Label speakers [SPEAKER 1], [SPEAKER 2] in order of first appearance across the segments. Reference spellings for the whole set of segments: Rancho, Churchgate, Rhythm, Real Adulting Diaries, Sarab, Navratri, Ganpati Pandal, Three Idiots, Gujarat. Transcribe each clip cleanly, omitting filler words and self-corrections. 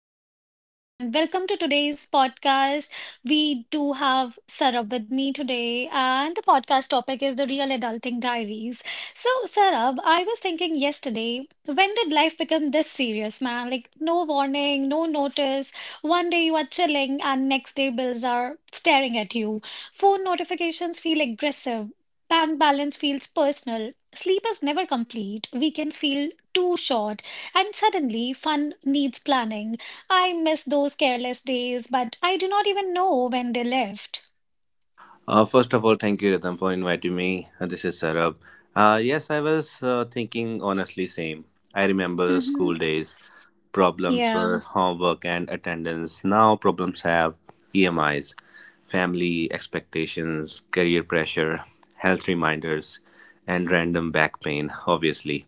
[SPEAKER 1] name is Rhythm, and welcome to today's podcast. We do have Sarab with me today, and the podcast topic is the Real Adulting Diaries. So, Sarab, I was thinking yesterday, when did life become this serious, man? Like, no warning, no notice. One day you are chilling, and next day bills are staring at you. Phone notifications feel aggressive. Bank balance feels personal. Sleep is never complete. Weekends feel too short and suddenly, fun needs planning. I miss those careless days, but I do not even know when they left. Hmm.
[SPEAKER 2] Problems
[SPEAKER 1] Yeah.
[SPEAKER 2] were homework and attendance. Now problems have EMIs, family expectations, career pressure, health reminders, and random back pain, obviously.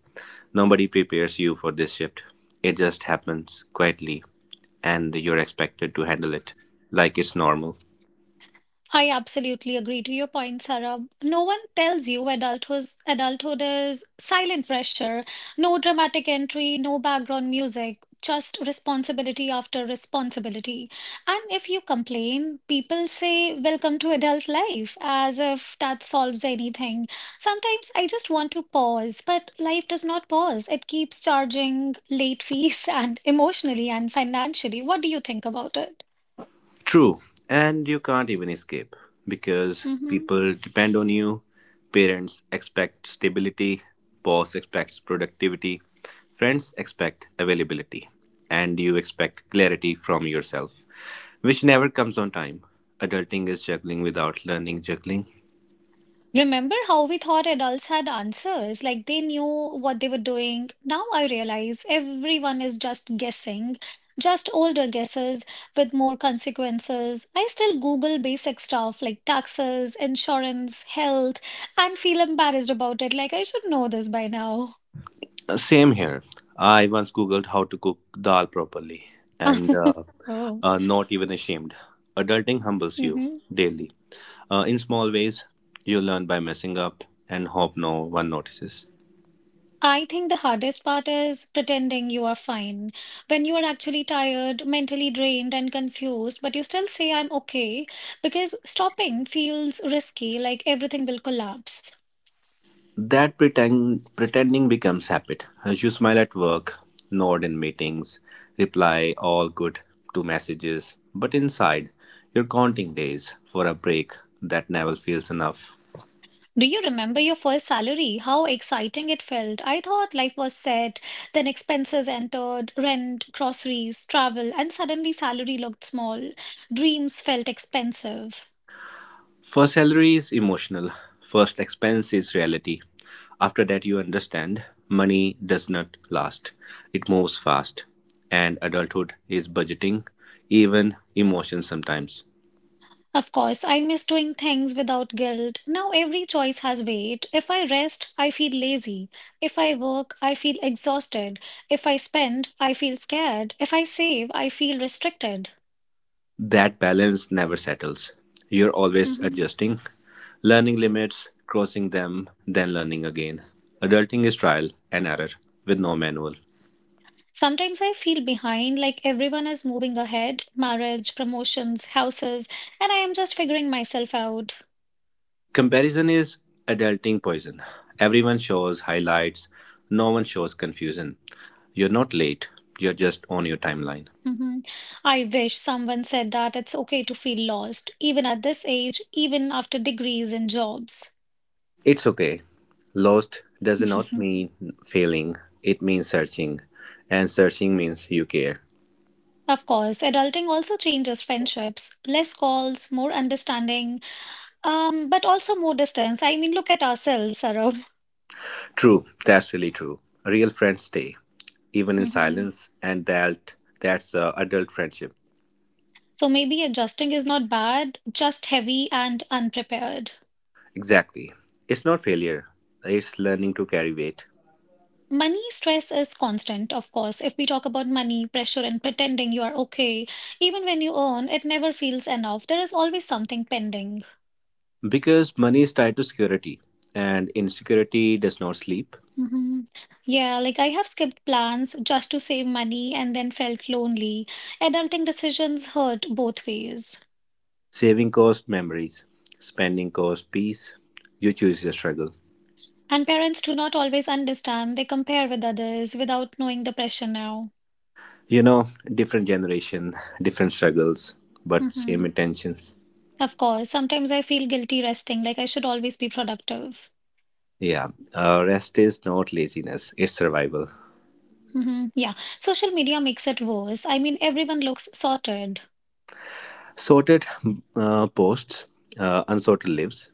[SPEAKER 2] Nobody prepares you for this shift. It just happens quietly, and you're expected to handle it like it's normal.
[SPEAKER 1] I absolutely agree to your point, Sarah. No one tells you adulthood is silent pressure, no dramatic entry, no background music, just responsibility after responsibility. And if you complain, people say, Welcome to adult life, as if that solves anything. Sometimes I just want to pause, but life does not pause. It keeps charging late fees and emotionally and financially. What do you think about it?
[SPEAKER 2] True, and you can't even escape because people depend on you. Parents expect stability, boss expects productivity, friends expect availability, and you expect clarity from yourself, which never comes on time. Adulting is juggling without learning juggling.
[SPEAKER 1] Remember how we thought adults had answers, like they knew what they were doing? Now I realize everyone is just guessing, just older guesses with more consequences. I still Google basic stuff like taxes, insurance, health, and feel embarrassed about it, like I should know this by now.
[SPEAKER 2] Same here. I once Googled how to cook dal properly and uh,
[SPEAKER 1] Oh.
[SPEAKER 2] uh, not even ashamed. Adulting humbles you
[SPEAKER 1] Hmm.
[SPEAKER 2] daily. In small ways, you learn by messing up and hope no one notices.
[SPEAKER 1] I think the hardest part is pretending you are fine when you are actually tired, mentally drained, and confused, but you still say, I'm okay, because stopping feels risky, like everything will collapse.
[SPEAKER 2] That pretending becomes habit. As you smile at work, nod in meetings, reply all good to messages, but inside, you're counting days for a break that never feels enough.
[SPEAKER 1] Do you remember your first salary? How exciting it felt. I thought life was set, then expenses entered, rent, groceries, travel, and suddenly salary looked small. Dreams felt expensive.
[SPEAKER 2] First salary is emotional, first expense is reality. After that, you understand money does not last, it moves fast. And adulthood is budgeting, even emotions sometimes.
[SPEAKER 1] Of course, I miss doing things without guilt. Now every choice has weight. If I rest, I feel lazy. If I work, I feel exhausted. If I spend, I feel scared. If I save, I feel restricted.
[SPEAKER 2] That balance never settles. You're always
[SPEAKER 1] Mhm.
[SPEAKER 2] adjusting, learning limits, crossing them, then learning again. Adulting is trial and error with no manual.
[SPEAKER 1] Sometimes I feel behind, like everyone is moving ahead marriage, promotions, houses, and I am just figuring myself out.
[SPEAKER 2] Comparison is adulting poison. Everyone shows highlights, no one shows confusion. You're not late, you're just on your timeline.
[SPEAKER 1] Mhm. I wish someone said that it's okay to feel lost, even at this age, even after degrees and jobs.
[SPEAKER 2] It's okay. Lost does not mean failing, it means searching. And searching means you care.
[SPEAKER 1] Of course, adulting also changes friendships. Less calls, more understanding, but also more distance. I mean, look at ourselves, Sarab.
[SPEAKER 2] True, that's really true. Real friends stay, even in
[SPEAKER 1] Hmm.
[SPEAKER 2] silence, and that's adult friendship.
[SPEAKER 1] So maybe adjusting is not bad, just heavy and unprepared.
[SPEAKER 2] Exactly. It's not failure, it's learning to carry weight.
[SPEAKER 1] Money stress is constant, of course. If we talk about money, pressure, and pretending you are okay, even when you earn, it never feels enough. There is always something pending.
[SPEAKER 2] Because money is tied to security, and insecurity does not sleep.
[SPEAKER 1] Hmm. Yeah, like I have skipped plans just to save money and then felt lonely. Adulting decisions hurt both ways.
[SPEAKER 2] Saving cost memories, spending cost peace. You choose your struggle.
[SPEAKER 1] And parents do not always understand. They compare with others without knowing the pressure now.
[SPEAKER 2] You know, different generation, different struggles, but same
[SPEAKER 1] Hmm.
[SPEAKER 2] intentions.
[SPEAKER 1] Of course, sometimes I feel guilty resting, like I should always be productive.
[SPEAKER 2] Yeah, rest is not laziness, it's survival.
[SPEAKER 1] Hmm. Yeah, social media makes it worse. I mean, everyone looks sorted.
[SPEAKER 2] Sorted posts, unsorted lives.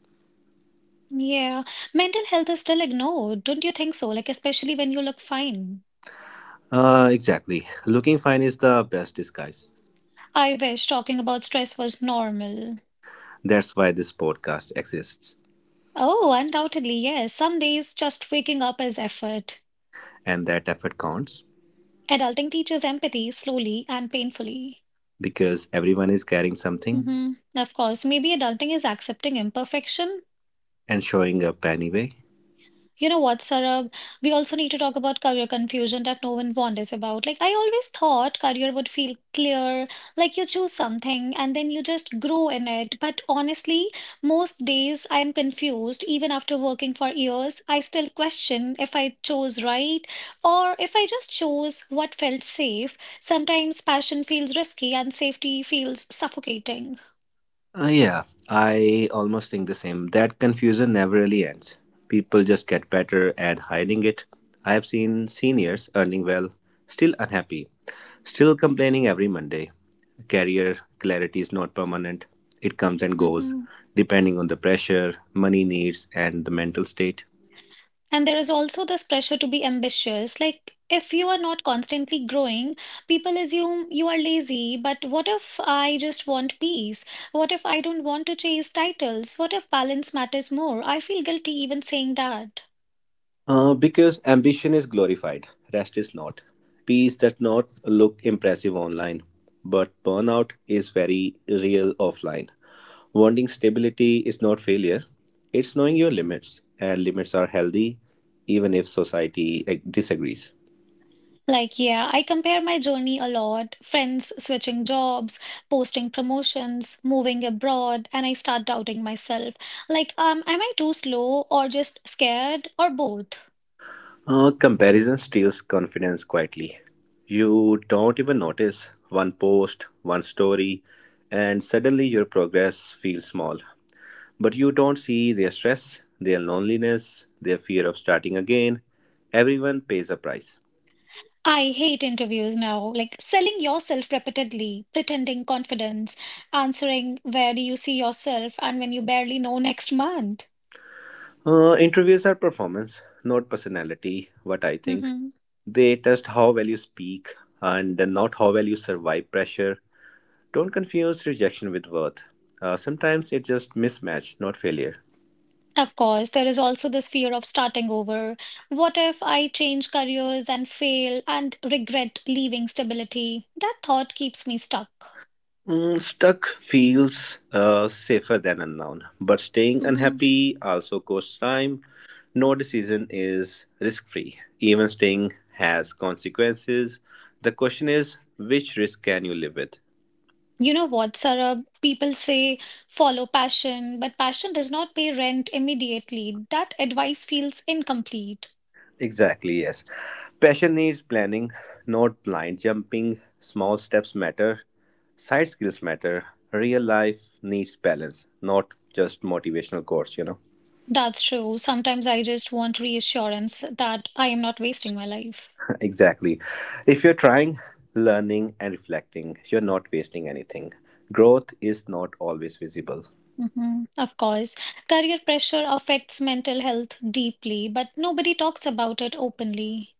[SPEAKER 1] Yeah, mental health is still ignored, don't you think so? Like, especially when you look fine.
[SPEAKER 2] Exactly. Looking fine is the best disguise.
[SPEAKER 1] I wish talking about stress was normal.
[SPEAKER 2] That's why this podcast exists.
[SPEAKER 1] Oh, undoubtedly, yes. Some days just waking up is effort.
[SPEAKER 2] And that effort counts
[SPEAKER 1] Adulting teaches empathy slowly and painfully.
[SPEAKER 2] because everyone is carrying something
[SPEAKER 1] Hmm. Of course, maybe adulting is accepting imperfection.
[SPEAKER 2] and showing up anyway.
[SPEAKER 1] You know what, Sarab? We also need to talk about career confusion that no one wonders about. Like, I always thought career would feel clear, like you choose something and then you just grow in it. But honestly, most days I'm confused. Even after working for years, I still question if I chose right or if I just chose what felt safe. Sometimes passion feels risky and safety feels suffocating.
[SPEAKER 2] Yeah, I almost think the same. That confusion never really ends. People just get better at hiding it. I have seen seniors earning well, still unhappy, still complaining every Monday. Career clarity is not permanent, it comes and goes,
[SPEAKER 1] Mm-hmm.
[SPEAKER 2] depending on the pressure, money needs, and the mental state.
[SPEAKER 1] And there is also this pressure to be ambitious. Like, if you are not constantly growing, people assume you are lazy. But what if I just want peace? What if I don't want to chase titles? What if balance matters more? I feel guilty even saying that.
[SPEAKER 2] Because ambition is glorified, rest is not. Peace does not look impressive online, but burnout is very real offline. Wanting stability is not failure, it's knowing your limits, and limits are healthy even if society disagrees.
[SPEAKER 1] Like, yeah, I compare my journey a lot. Friends switching jobs, posting promotions, moving abroad, and I start doubting myself. Like, am I too slow or just scared or both?
[SPEAKER 2] Comparison steals confidence quietly. You don't even notice one post, one story, and suddenly your progress feels small. But you don't see their stress, their loneliness, their fear of starting again. Everyone pays a price.
[SPEAKER 1] I hate interviews now. Like selling yourself repeatedly, pretending confidence, answering where do you see yourself and when you barely know next month.
[SPEAKER 2] Interviews are performance, not personality, what I think.
[SPEAKER 1] Hmm.
[SPEAKER 2] They test how well you speak and not how well you survive pressure. Don't confuse rejection with worth. Sometimes it's just mismatch, not failure.
[SPEAKER 1] Of course, there is also this fear of starting over. What if I change careers and fail and regret leaving stability? That thought keeps me stuck.
[SPEAKER 2] Mm, stuck feels safer than unknown, but staying
[SPEAKER 1] Hmm.
[SPEAKER 2] unhappy also costs time. No decision is risk free. Even staying has consequences. The question is, which risk can you live with?
[SPEAKER 1] You know what, Sarah? People say follow passion, but passion does not pay rent immediately. That advice feels incomplete.
[SPEAKER 2] Exactly, yes. Passion needs planning, not blind jumping. Small steps matter. Side skills matter. Real life needs balance, not just motivational course, you know.
[SPEAKER 1] That's true. Sometimes I just want reassurance that I am not wasting my life.
[SPEAKER 2] Exactly. If you're trying, learning, and reflecting, you're not wasting anything. Growth is not always visible.
[SPEAKER 1] Hmm. Of course, career pressure affects mental health deeply, but nobody talks about it openly.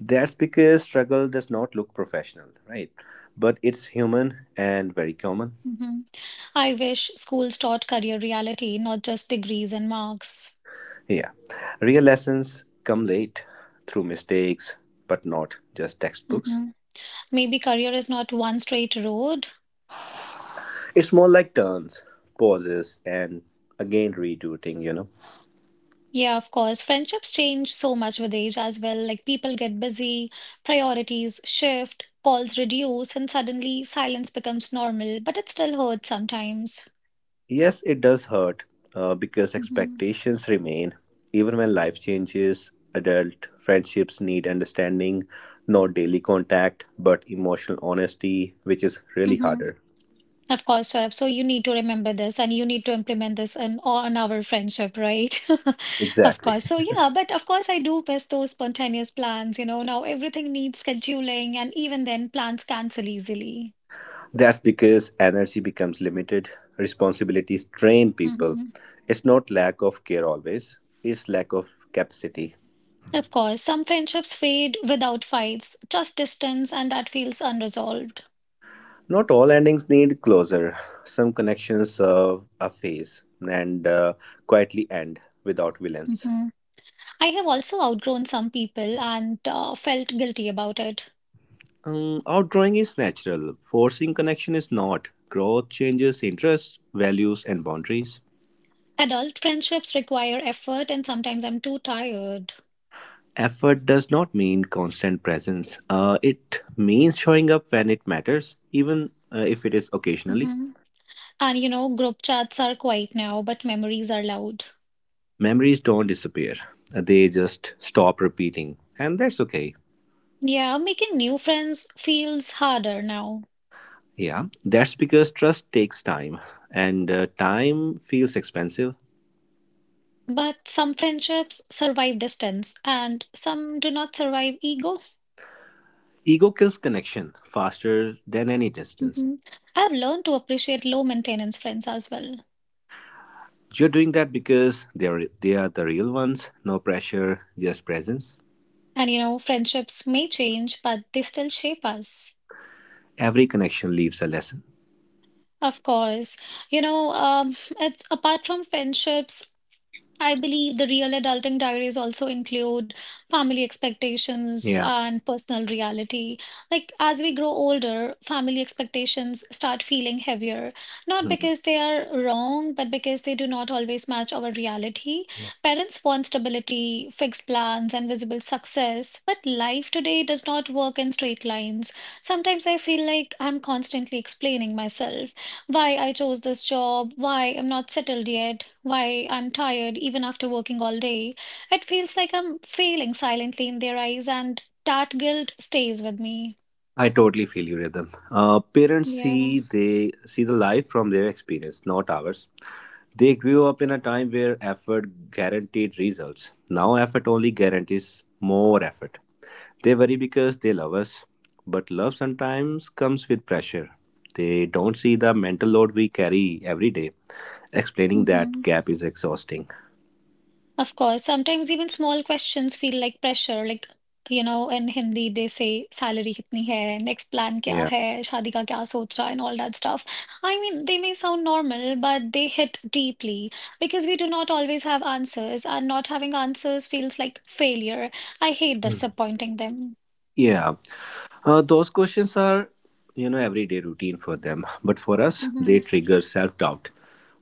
[SPEAKER 2] That's because struggle does not look professional, right? But it's human and very common.
[SPEAKER 1] Hmm. I wish schools taught career reality, not just degrees and marks.
[SPEAKER 2] Yeah. Real lessons come late through mistakes, but not just textbooks.
[SPEAKER 1] Hmm. Maybe career is not one straight road.
[SPEAKER 2] It's more like turns, pauses, and again rerouting, you know.
[SPEAKER 1] Yeah, of course. Friendships change so much with age as well. Like people get busy, priorities shift, calls reduce, and suddenly silence becomes normal, but it still hurts sometimes.
[SPEAKER 2] Yes, it does hurt because
[SPEAKER 1] Hmm.
[SPEAKER 2] expectations remain. Even when life changes, adult friendships need understanding, not daily contact, but emotional honesty, which is really
[SPEAKER 1] Hmm.
[SPEAKER 2] harder.
[SPEAKER 1] Of course, Saurabh. So you need to remember this and you need to implement this in on our friendship, right? Of
[SPEAKER 2] Exactly.
[SPEAKER 1] course. So yeah, but of course I do miss those spontaneous plans, you know. Now everything needs scheduling, and even then plans cancel easily.
[SPEAKER 2] That's because energy becomes limited, responsibilities drain people.
[SPEAKER 1] Mm-hmm.
[SPEAKER 2] It's not lack of care always, it's lack of capacity.
[SPEAKER 1] Of course, some friendships fade without fights, just distance, and that feels unresolved.
[SPEAKER 2] Not all endings need closure. Some connections serve a phase and quietly end without villains.
[SPEAKER 1] Mhm. I have also outgrown some people and felt guilty about it.
[SPEAKER 2] Outdrawing is natural, forcing connection is not. Growth changes interests, values, and boundaries.
[SPEAKER 1] Adult friendships require effort, and sometimes I'm too tired.
[SPEAKER 2] Effort does not mean constant presence. It means showing up when it matters, even if it is occasionally.
[SPEAKER 1] Mhm. And you know, group chats are quiet now, but memories are loud.
[SPEAKER 2] Memories don't disappear, they just stop repeating, and that's okay.
[SPEAKER 1] Yeah, making new friends feels harder now.
[SPEAKER 2] Yeah, that's because trust takes time, and time feels expensive.
[SPEAKER 1] But some friendships survive distance, and some do not survive ego.
[SPEAKER 2] Ego kills connection faster than any distance.
[SPEAKER 1] Hmm. I've learned to appreciate low maintenance friends as well.
[SPEAKER 2] You're doing that because they are the real ones. No pressure, just presence.
[SPEAKER 1] And you know, friendships may change, but they still shape us.
[SPEAKER 2] Every connection leaves a lesson.
[SPEAKER 1] Of course, you know, it's apart from friendships. I believe the real adulting diaries also include family expectations
[SPEAKER 2] Yeah.
[SPEAKER 1] and personal reality. Like, as we grow older, family expectations start feeling heavier, not
[SPEAKER 2] Mm.
[SPEAKER 1] because they are wrong, but because they do not always match our reality. Parents want stability, fixed plans, and visible success, but life today does not work in straight lines. Sometimes I feel like I'm constantly explaining myself. Why I chose this job, why I'm not settled yet, why I'm tired even after working all day. It feels like I'm failing silently in their eyes, and that guilt stays with me.
[SPEAKER 2] I totally feel you, Rhythm. Uh, parents
[SPEAKER 1] Yeah.
[SPEAKER 2] see they see the life from their experience, not ours. They grew up in a time where effort guaranteed results. Now effort only guarantees more effort. They worry because they love us, but love sometimes comes with pressure. They don't see the mental load we carry every day. Explaining
[SPEAKER 1] Hmm.
[SPEAKER 2] that gap is exhausting.
[SPEAKER 1] Of course, sometimes even small questions feel like pressure. Like, you know, in Hindi they say salary kitni hai, next plan kya
[SPEAKER 2] Yeah.
[SPEAKER 1] hai, shaadi ka kya socha, and all that stuff. I mean, they may sound normal, but they hit deeply because we do not always have answers, and not having answers feels like failure. I hate
[SPEAKER 2] Hmm.
[SPEAKER 1] disappointing them.
[SPEAKER 2] Yeah. Those questions are, you know, everyday routine for them. But for us,
[SPEAKER 1] Hmm.
[SPEAKER 2] they trigger self doubt.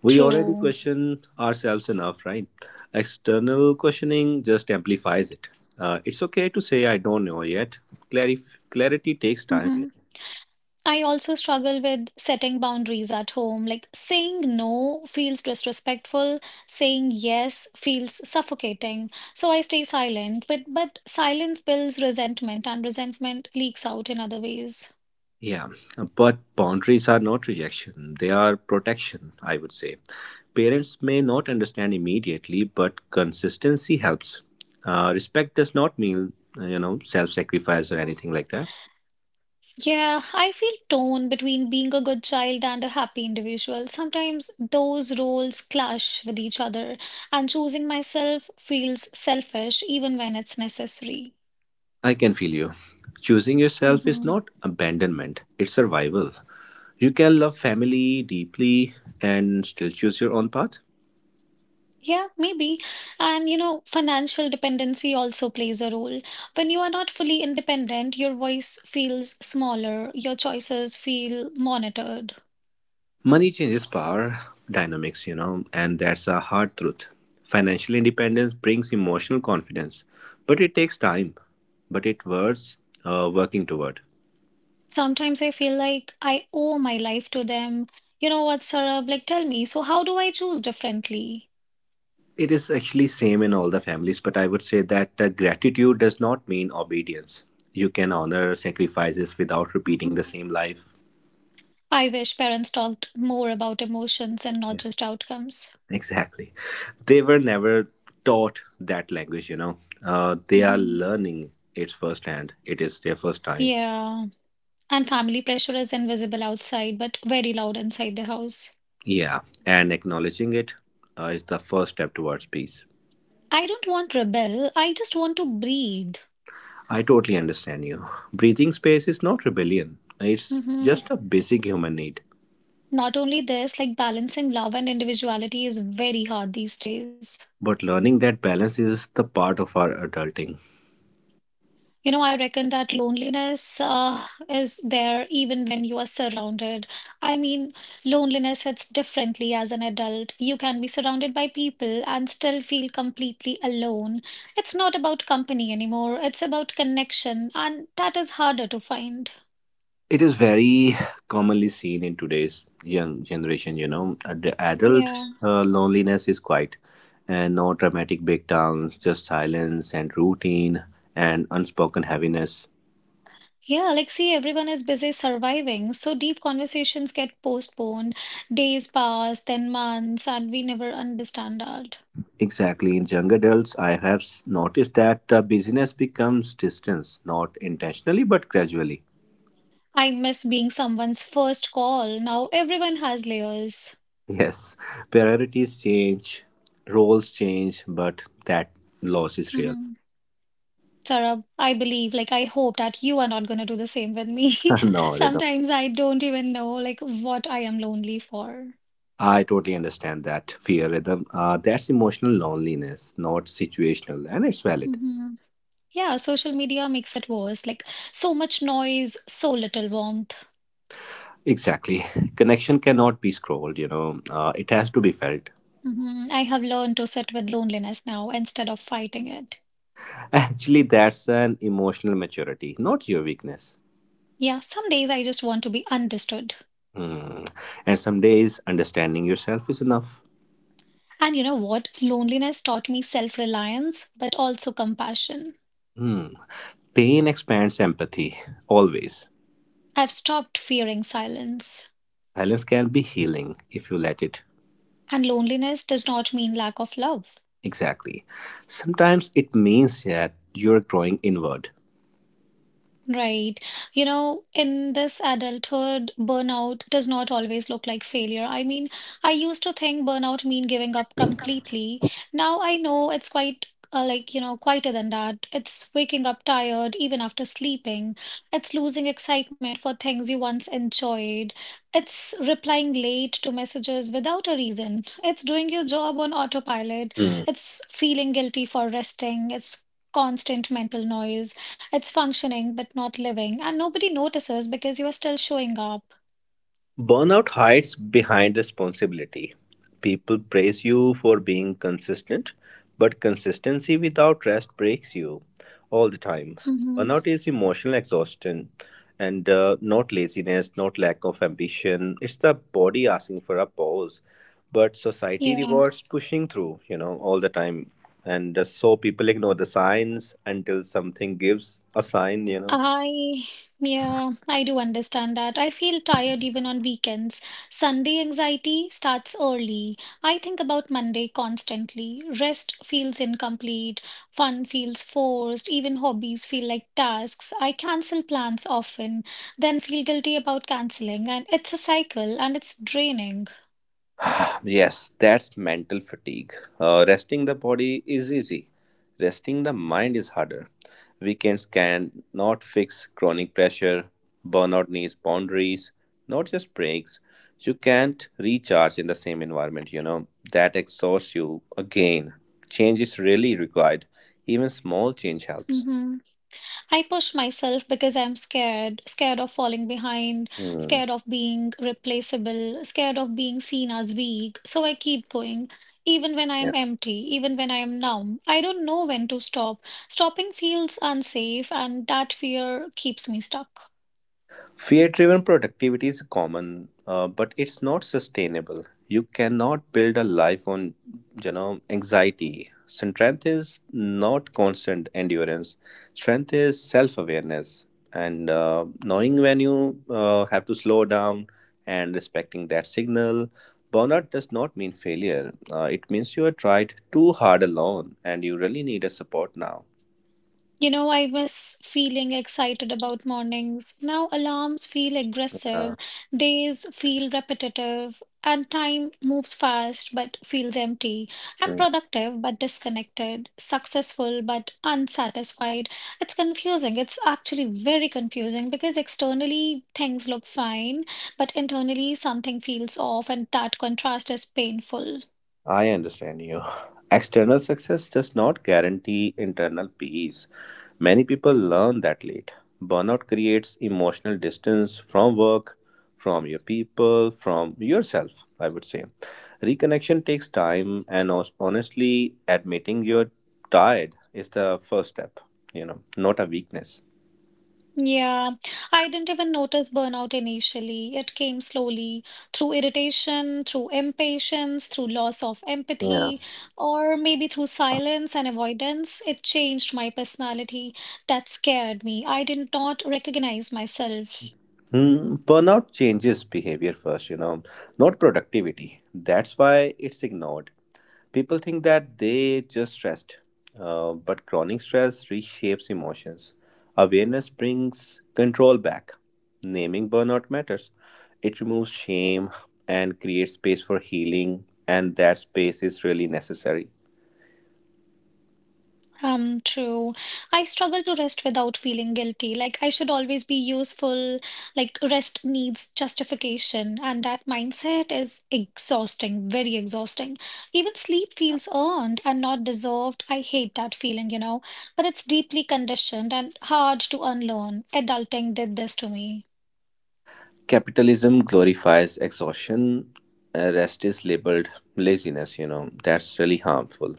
[SPEAKER 2] We already
[SPEAKER 1] True.
[SPEAKER 2] question ourselves enough, right? External questioning just amplifies it. It's okay to say, I don't know yet. Clarity takes time.
[SPEAKER 1] Hmm. I also struggle with setting boundaries at home. Like saying no feels disrespectful, saying yes feels suffocating. So I stay silent, but silence builds resentment and resentment leaks out in other ways.
[SPEAKER 2] Yeah, but boundaries are not rejection, they are protection, I would say. Parents may not understand immediately, but consistency helps. Respect does not mean, you know, self sacrifice or
[SPEAKER 1] Mhm.
[SPEAKER 2] anything like that.
[SPEAKER 1] Yeah, I feel torn between being a good child and a happy individual. Sometimes those roles clash with each other, and choosing myself feels selfish even when it's necessary.
[SPEAKER 2] I can feel you. Choosing yourself is
[SPEAKER 1] Mhm.
[SPEAKER 2] not abandonment, it's survival. You can love family deeply and still choose your own path.
[SPEAKER 1] Yeah, maybe. And you know, financial dependency also plays a role. When you are not fully independent, your voice feels smaller, your choices feel monitored.
[SPEAKER 2] Money changes power dynamics, you know, and that's a hard truth. Financial independence brings emotional confidence, but it takes time, but it worth working toward.
[SPEAKER 1] Sometimes I feel like I owe my life to them. You know what, Sarab? Like, tell me, so how do I choose differently?
[SPEAKER 2] It is actually same in all the families, but I would say that gratitude does not mean obedience. You can honor sacrifices without repeating
[SPEAKER 1] Mhm.
[SPEAKER 2] the same life.
[SPEAKER 1] I wish parents talked more about emotions and not just outcomes.
[SPEAKER 2] Exactly. They were never taught that language, you know. They are
[SPEAKER 1] Mhm.
[SPEAKER 2] learning it firsthand. It is their first time.
[SPEAKER 1] Yeah, and family pressure is invisible outside, but very loud inside the house.
[SPEAKER 2] Yeah. And acknowledging it is the first step towards peace.
[SPEAKER 1] I don't want rebel. I just want to breathe.
[SPEAKER 2] I totally understand you. Breathing space is not rebellion, it's
[SPEAKER 1] Hmm.
[SPEAKER 2] just a basic human need.
[SPEAKER 1] Not only this, like balancing love and individuality is very hard these days.
[SPEAKER 2] But learning that balance is the part of our adulting.
[SPEAKER 1] You know, I reckon that loneliness is there even when you are surrounded. I mean, loneliness hits differently as an adult. You can be surrounded by people and still feel completely alone. It's not about company anymore, it's about connection, and that is harder to find.
[SPEAKER 2] It is very commonly seen in today's young generation. You know, at the adult
[SPEAKER 1] Yeah.
[SPEAKER 2] loneliness is quiet and no dramatic breakdowns, just silence and routine and unspoken heaviness.
[SPEAKER 1] Yeah, like, see, everyone is busy surviving. So deep conversations get postponed. Days pass, then months, and we never understand that.
[SPEAKER 2] Exactly, in young adults, I have noticed that busyness becomes distance, not intentionally but gradually.
[SPEAKER 1] I miss being someone's first call. Now everyone has layers.
[SPEAKER 2] Yes, priorities change, roles change, but that loss is real.
[SPEAKER 1] Hmm. Sarah, I believe, like, I hope that you are not going to do the same with me.
[SPEAKER 2] No,
[SPEAKER 1] Sometimes I don't even know, like, what I am lonely for.
[SPEAKER 2] I totally understand that fear rhythm. That's emotional loneliness, not situational, and it's valid.
[SPEAKER 1] Hmm. Yeah, social media makes it worse. Like, so much noise, so little warmth.
[SPEAKER 2] Exactly. Connection cannot be scrolled, you know, it has to be felt.
[SPEAKER 1] Mhm. I have learned to sit with loneliness now instead of fighting it.
[SPEAKER 2] Actually, that's an emotional maturity, not your weakness.
[SPEAKER 1] Yeah, some days I just want to be understood.
[SPEAKER 2] Hmm. And some days, understanding yourself is enough.
[SPEAKER 1] And you know what? Loneliness taught me self-reliance, but also compassion.
[SPEAKER 2] Hmm. Pain expands empathy, always.
[SPEAKER 1] I've stopped fearing silence.
[SPEAKER 2] Silence can be healing if you let it.
[SPEAKER 1] And loneliness does not mean lack of love.
[SPEAKER 2] Exactly. Sometimes it means that you're growing inward.
[SPEAKER 1] Right. You know, in this adulthood, burnout does not always look like failure. I mean, I used to think burnout mean giving up completely. Now I know it's quite like, you know, quieter than that. It's waking up tired even after sleeping. It's losing excitement for things you once enjoyed. It's replying late to messages without a reason. It's doing your job on autopilot.
[SPEAKER 2] Hmm.
[SPEAKER 1] It's feeling guilty for resting. It's constant mental noise. It's functioning but not living, and nobody notices because you are still showing up.
[SPEAKER 2] Burnout hides behind responsibility. People praise you for being consistent, but consistency without rest breaks you all the time.
[SPEAKER 1] Hmm.
[SPEAKER 2] Burnout is emotional exhaustion and not laziness, not lack of ambition. It's the body asking for a pause, but society
[SPEAKER 1] Yeah,
[SPEAKER 2] rewards pushing through, you know, all the time. And so people ignore the signs until something gives a sign, you know.
[SPEAKER 1] I yeah, I do understand that. I feel tired even on weekends. Sunday anxiety starts early. I think about Monday constantly. Rest feels incomplete, fun feels forced, even hobbies feel like tasks. I cancel plans often, then feel guilty about canceling, and it's a cycle and it's draining.
[SPEAKER 2] Yes, that's mental fatigue. Resting the body is easy, resting the mind is harder. Weekends can not fix chronic pressure, burnout needs boundaries, not just breaks. You can't recharge in the same environment, you know, that exhausts you again. Change is really required, even small change helps.
[SPEAKER 1] Hmm. I push myself because I'm scared, scared of falling behind,
[SPEAKER 2] Hmm.
[SPEAKER 1] scared of being replaceable, scared of being seen as weak. So I keep going. Even when
[SPEAKER 2] Yeah.
[SPEAKER 1] I'm empty, even when I'm numb, I don't know when to stop. Stopping feels unsafe, and that fear keeps me stuck.
[SPEAKER 2] Fear driven productivity is common, but it's not sustainable. You cannot build a life on you know anxiety. Strength is not constant endurance. Strength is self awareness and knowing when you have to slow down and respecting that signal. Burnout does not mean failure. It means you have tried too hard alone and you really need a support now.
[SPEAKER 1] You know, I miss feeling excited about mornings. Now alarms feel aggressive,
[SPEAKER 2] Uh,
[SPEAKER 1] days feel repetitive, and time moves fast but feels empty. I'm productive but disconnected, successful but unsatisfied. It's confusing. It's actually very confusing because externally things look fine, but internally something feels off, and that contrast is painful.
[SPEAKER 2] I understand you. External success does not guarantee internal peace. Many people learn that late. Burnout creates emotional distance from work, from your people, from yourself, I would say. Reconnection takes time, and honestly, admitting you're tired is the first step, you know, not a weakness.
[SPEAKER 1] Yeah, I didn't even notice burnout initially. It came slowly through irritation, through impatience, through loss of
[SPEAKER 2] Yeah.
[SPEAKER 1] empathy, or maybe through silence and avoidance. It changed my personality. That scared me. I did not recognize myself.
[SPEAKER 2] Hmm, burnout changes behavior first, you know, not productivity. That's why it's ignored. People think that they just stressed, but chronic stress reshapes emotions. Awareness brings control back. Naming burnout matters. It removes shame and creates space for healing, and that space is really necessary.
[SPEAKER 1] True. I struggle to rest without feeling guilty. Like I should always be useful. Like rest needs justification, and that mindset is exhausting, very exhausting. Even sleep feels earned and not deserved. I hate that feeling, but it's deeply conditioned and hard to unlearn. Adulting did this to me.
[SPEAKER 2] Capitalism glorifies exhaustion. Rest is labeled laziness, you know. That's really harmful.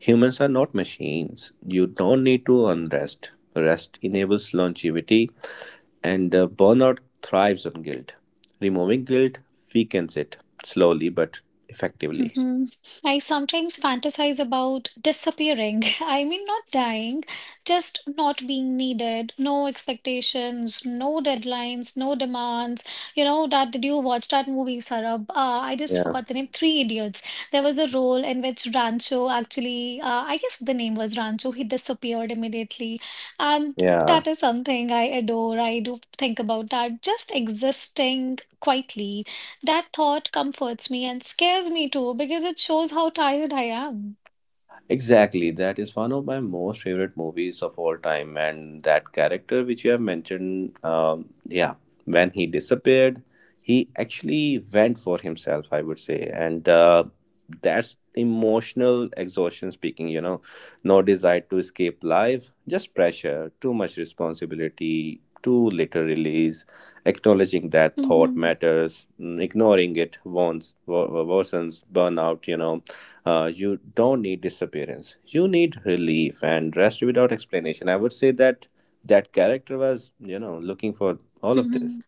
[SPEAKER 2] Humans are not machines. You don't need to earn rest. Rest enables longevity, and burnout thrives on guilt. Removing guilt weakens it slowly but effectively.
[SPEAKER 1] Hmm. I sometimes fantasize about disappearing. I mean, not dying, just not being needed, no expectations, no deadlines, no demands. You know, that did you watch that movie, Sarab? I just
[SPEAKER 2] Yeah.
[SPEAKER 1] forgot the name, Three Idiots. There was a role in which Rancho actually, I guess the name was Rancho, he disappeared immediately. And
[SPEAKER 2] Yeah.
[SPEAKER 1] that is something I adore. I do think about that, just existing quietly. That thought comforts me and scares me too because it shows how tired I am.
[SPEAKER 2] Exactly, that is one of my most favorite movies of all time, and that character which you have mentioned, yeah, when he disappeared, he actually went for himself, I would say, and that's emotional exhaustion speaking. You know, no desire to escape life, just pressure, too much responsibility, too little release, acknowledging that thought
[SPEAKER 1] Mhm,
[SPEAKER 2] matters, ignoring it worsens burnout. You don't need disappearance, you need relief and rest without explanation. I would say that that character was looking for all of this.
[SPEAKER 1] mhm.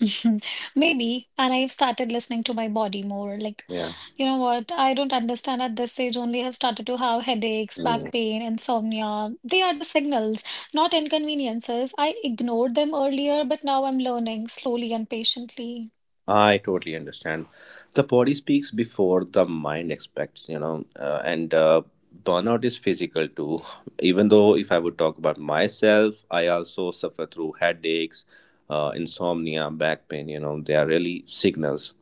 [SPEAKER 1] Maybe, and I've started listening to my body more. Like,
[SPEAKER 2] Yeah.
[SPEAKER 1] you know what? I don't understand at this age only have started to have headaches, back
[SPEAKER 2] Mm.
[SPEAKER 1] pain, insomnia. They are the signals, not inconveniences. I ignored them earlier, but now I'm learning slowly and patiently.
[SPEAKER 2] I totally understand. The body speaks before the mind expects, you know, and burnout is physical too. Even though, if I would talk about myself, I also suffer through headaches, insomnia, back pain, you know, they are really signals.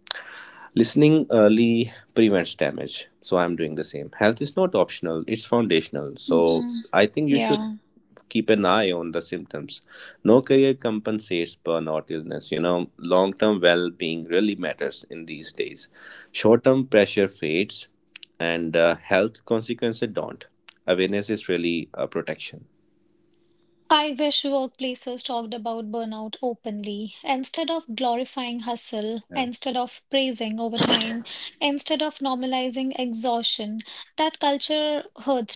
[SPEAKER 2] Listening early prevents damage. So I'm doing the same. Health is not optional, it's foundational. So
[SPEAKER 1] Hmm.
[SPEAKER 2] I think you should
[SPEAKER 1] Yeah.
[SPEAKER 2] keep an eye on the symptoms. No career compensates burnout illness. You know, long term well being really matters in these days. Short term pressure fades, and health consequences don't. Awareness is really a protection.
[SPEAKER 1] I wish workplaces talked about burnout openly instead of glorifying hustle,
[SPEAKER 2] Yeah.
[SPEAKER 1] instead of praising overtime, instead of normalizing exhaustion. That culture hurts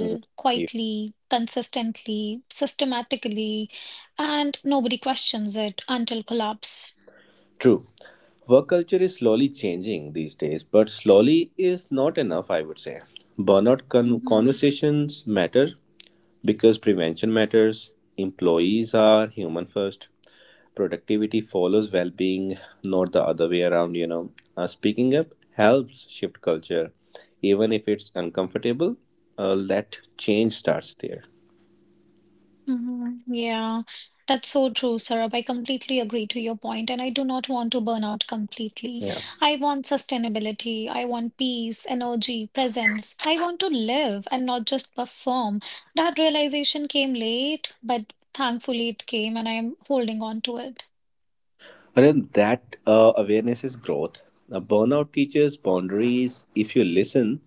[SPEAKER 2] Mm.
[SPEAKER 1] quietly, consistently, systematically, and nobody questions it until collapse.
[SPEAKER 2] True. Work culture is slowly changing these days, but slowly is not enough, I would say.
[SPEAKER 1] Mhm.
[SPEAKER 2] Conversations matter because prevention matters. Employees are human first. Productivity follows well being, not the other way around, you know. Speaking up helps shift culture, even if it's uncomfortable. Let change starts there.
[SPEAKER 1] Mhm. Yeah, that's so true, Sarab. I completely agree to your point, and I do not want to burn out completely.
[SPEAKER 2] Yeah.
[SPEAKER 1] I want sustainability. I want peace, energy, presence. I want to live and not just perform. That realization came late, but thankfully it came, and I am holding on to it.
[SPEAKER 2] Arun, that awareness is growth. Now, burnout teaches boundaries. If you listen,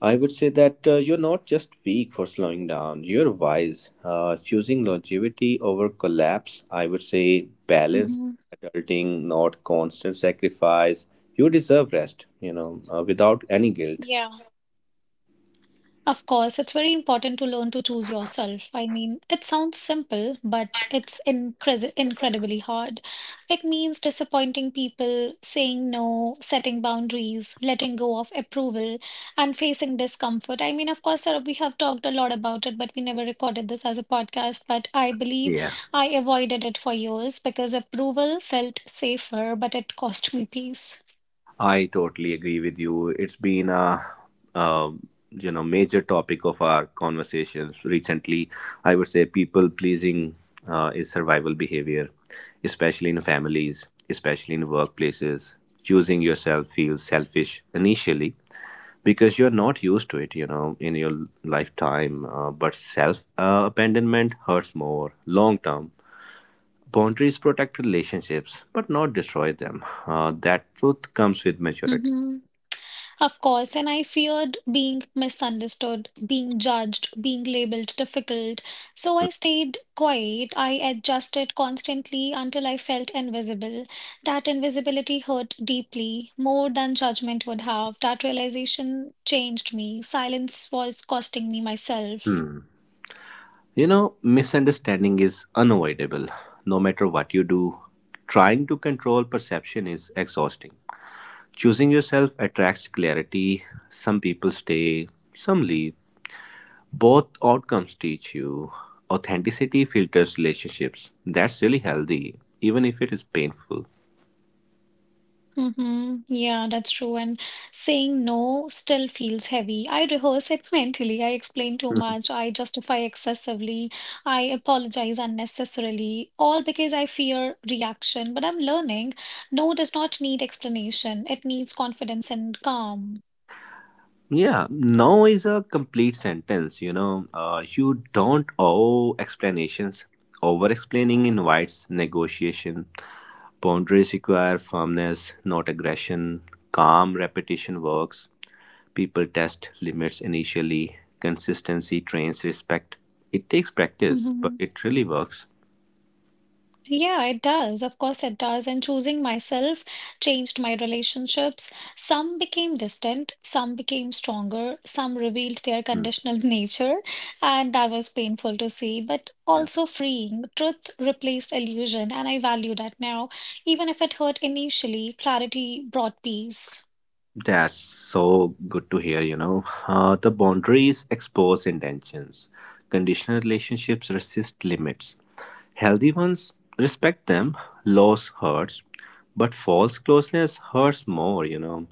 [SPEAKER 2] I would say that you're not just weak for slowing down, you're wise. Choosing longevity over collapse, I would say balance,
[SPEAKER 1] Hmm.
[SPEAKER 2] adulting, not constant sacrifice. You deserve rest, you know, without any guilt.
[SPEAKER 1] Yeah. Of course, it's very important to learn to choose yourself. I mean, it sounds simple, but it's incredibly hard. It means disappointing people, saying no, setting boundaries, letting go of approval, and facing discomfort. I mean, of course, sir, we have talked a lot about it, but we never recorded this as a podcast. But I believe
[SPEAKER 2] Yeah.
[SPEAKER 1] I avoided it for years because approval felt safer, but it cost me peace.
[SPEAKER 2] I totally agree with you. It's been a major topic of our conversations recently. I would say people pleasing is survival behavior, especially in families, especially in workplaces. Choosing yourself feels selfish initially because you're not used to it, you know, in your lifetime. But self abandonment hurts more long term. Boundaries protect relationships, but not destroy them. That truth comes with maturity.
[SPEAKER 1] Mm-hmm. Of course, and I feared being misunderstood, being judged, being labeled difficult. So I stayed quiet. I adjusted constantly until I felt invisible. That invisibility hurt deeply, more than judgment would have. That realization changed me. Silence was costing me myself.
[SPEAKER 2] Hmm. You know, misunderstanding is unavoidable. No matter what you do, trying to control perception is exhausting. Choosing yourself attracts clarity. Some people stay, some leave. Both outcomes teach you. Authenticity filters relationships. That's really healthy, even if it is painful.
[SPEAKER 1] Mm-hmm. Yeah, that's true. And saying no still feels heavy. I rehearse it mentally. I explain too much. I justify excessively. I apologize unnecessarily, all because I fear reaction. But I'm learning no does not need explanation, it needs confidence and calm.
[SPEAKER 2] Yeah, no is a complete sentence, you know. You don't owe explanations. Over explaining invites negotiation. Boundaries require firmness, not aggression. Calm repetition works. People test limits initially. Consistency trains respect. It takes practice, but
[SPEAKER 1] Mm-hmm.
[SPEAKER 2] it really works.
[SPEAKER 1] Yeah, it does. Of course, it does. And choosing myself changed my relationships. Some became distant, some became stronger, some revealed their
[SPEAKER 2] Hmm.
[SPEAKER 1] conditional nature, and that was painful to see, but
[SPEAKER 2] Yeah.
[SPEAKER 1] also freeing. Truth replaced illusion, and I value that now. Even if it hurt initially, clarity brought peace.
[SPEAKER 2] That's so good to hear, you know. The boundaries expose intentions. Conditional relationships resist limits. Healthy ones respect them. Loss hurts, but false closeness hurts more, you know.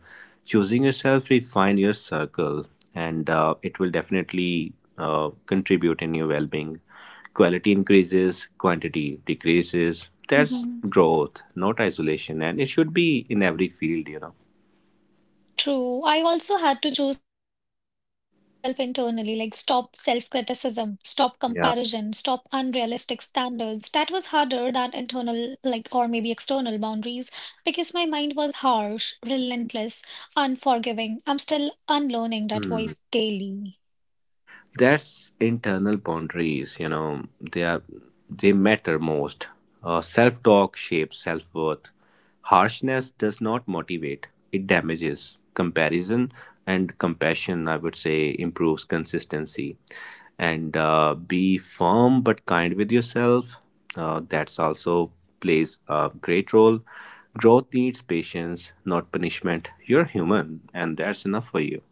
[SPEAKER 2] Choosing yourself, refine your circle, and it will definitely contribute in your well being. Quality increases, quantity decreases. That's
[SPEAKER 1] Mhm.
[SPEAKER 2] growth, not isolation, and it should be in every field, you know.
[SPEAKER 1] True. I also had to choose myself internally, like stop self-criticism, stop comparison,
[SPEAKER 2] Yeah.
[SPEAKER 1] stop unrealistic standards. That was harder than internal, like, or maybe external boundaries because my mind was harsh, relentless, unforgiving. I'm still unlearning that voice daily.
[SPEAKER 2] That's internal boundaries, you know, they matter most. Self-talk shapes self-worth. Harshness does not motivate; it damages. Comparison and compassion, I would say, improves consistency. And be firm but kind with yourself. That's also plays a great role. Growth needs patience, not punishment. You're human, and that's enough for you.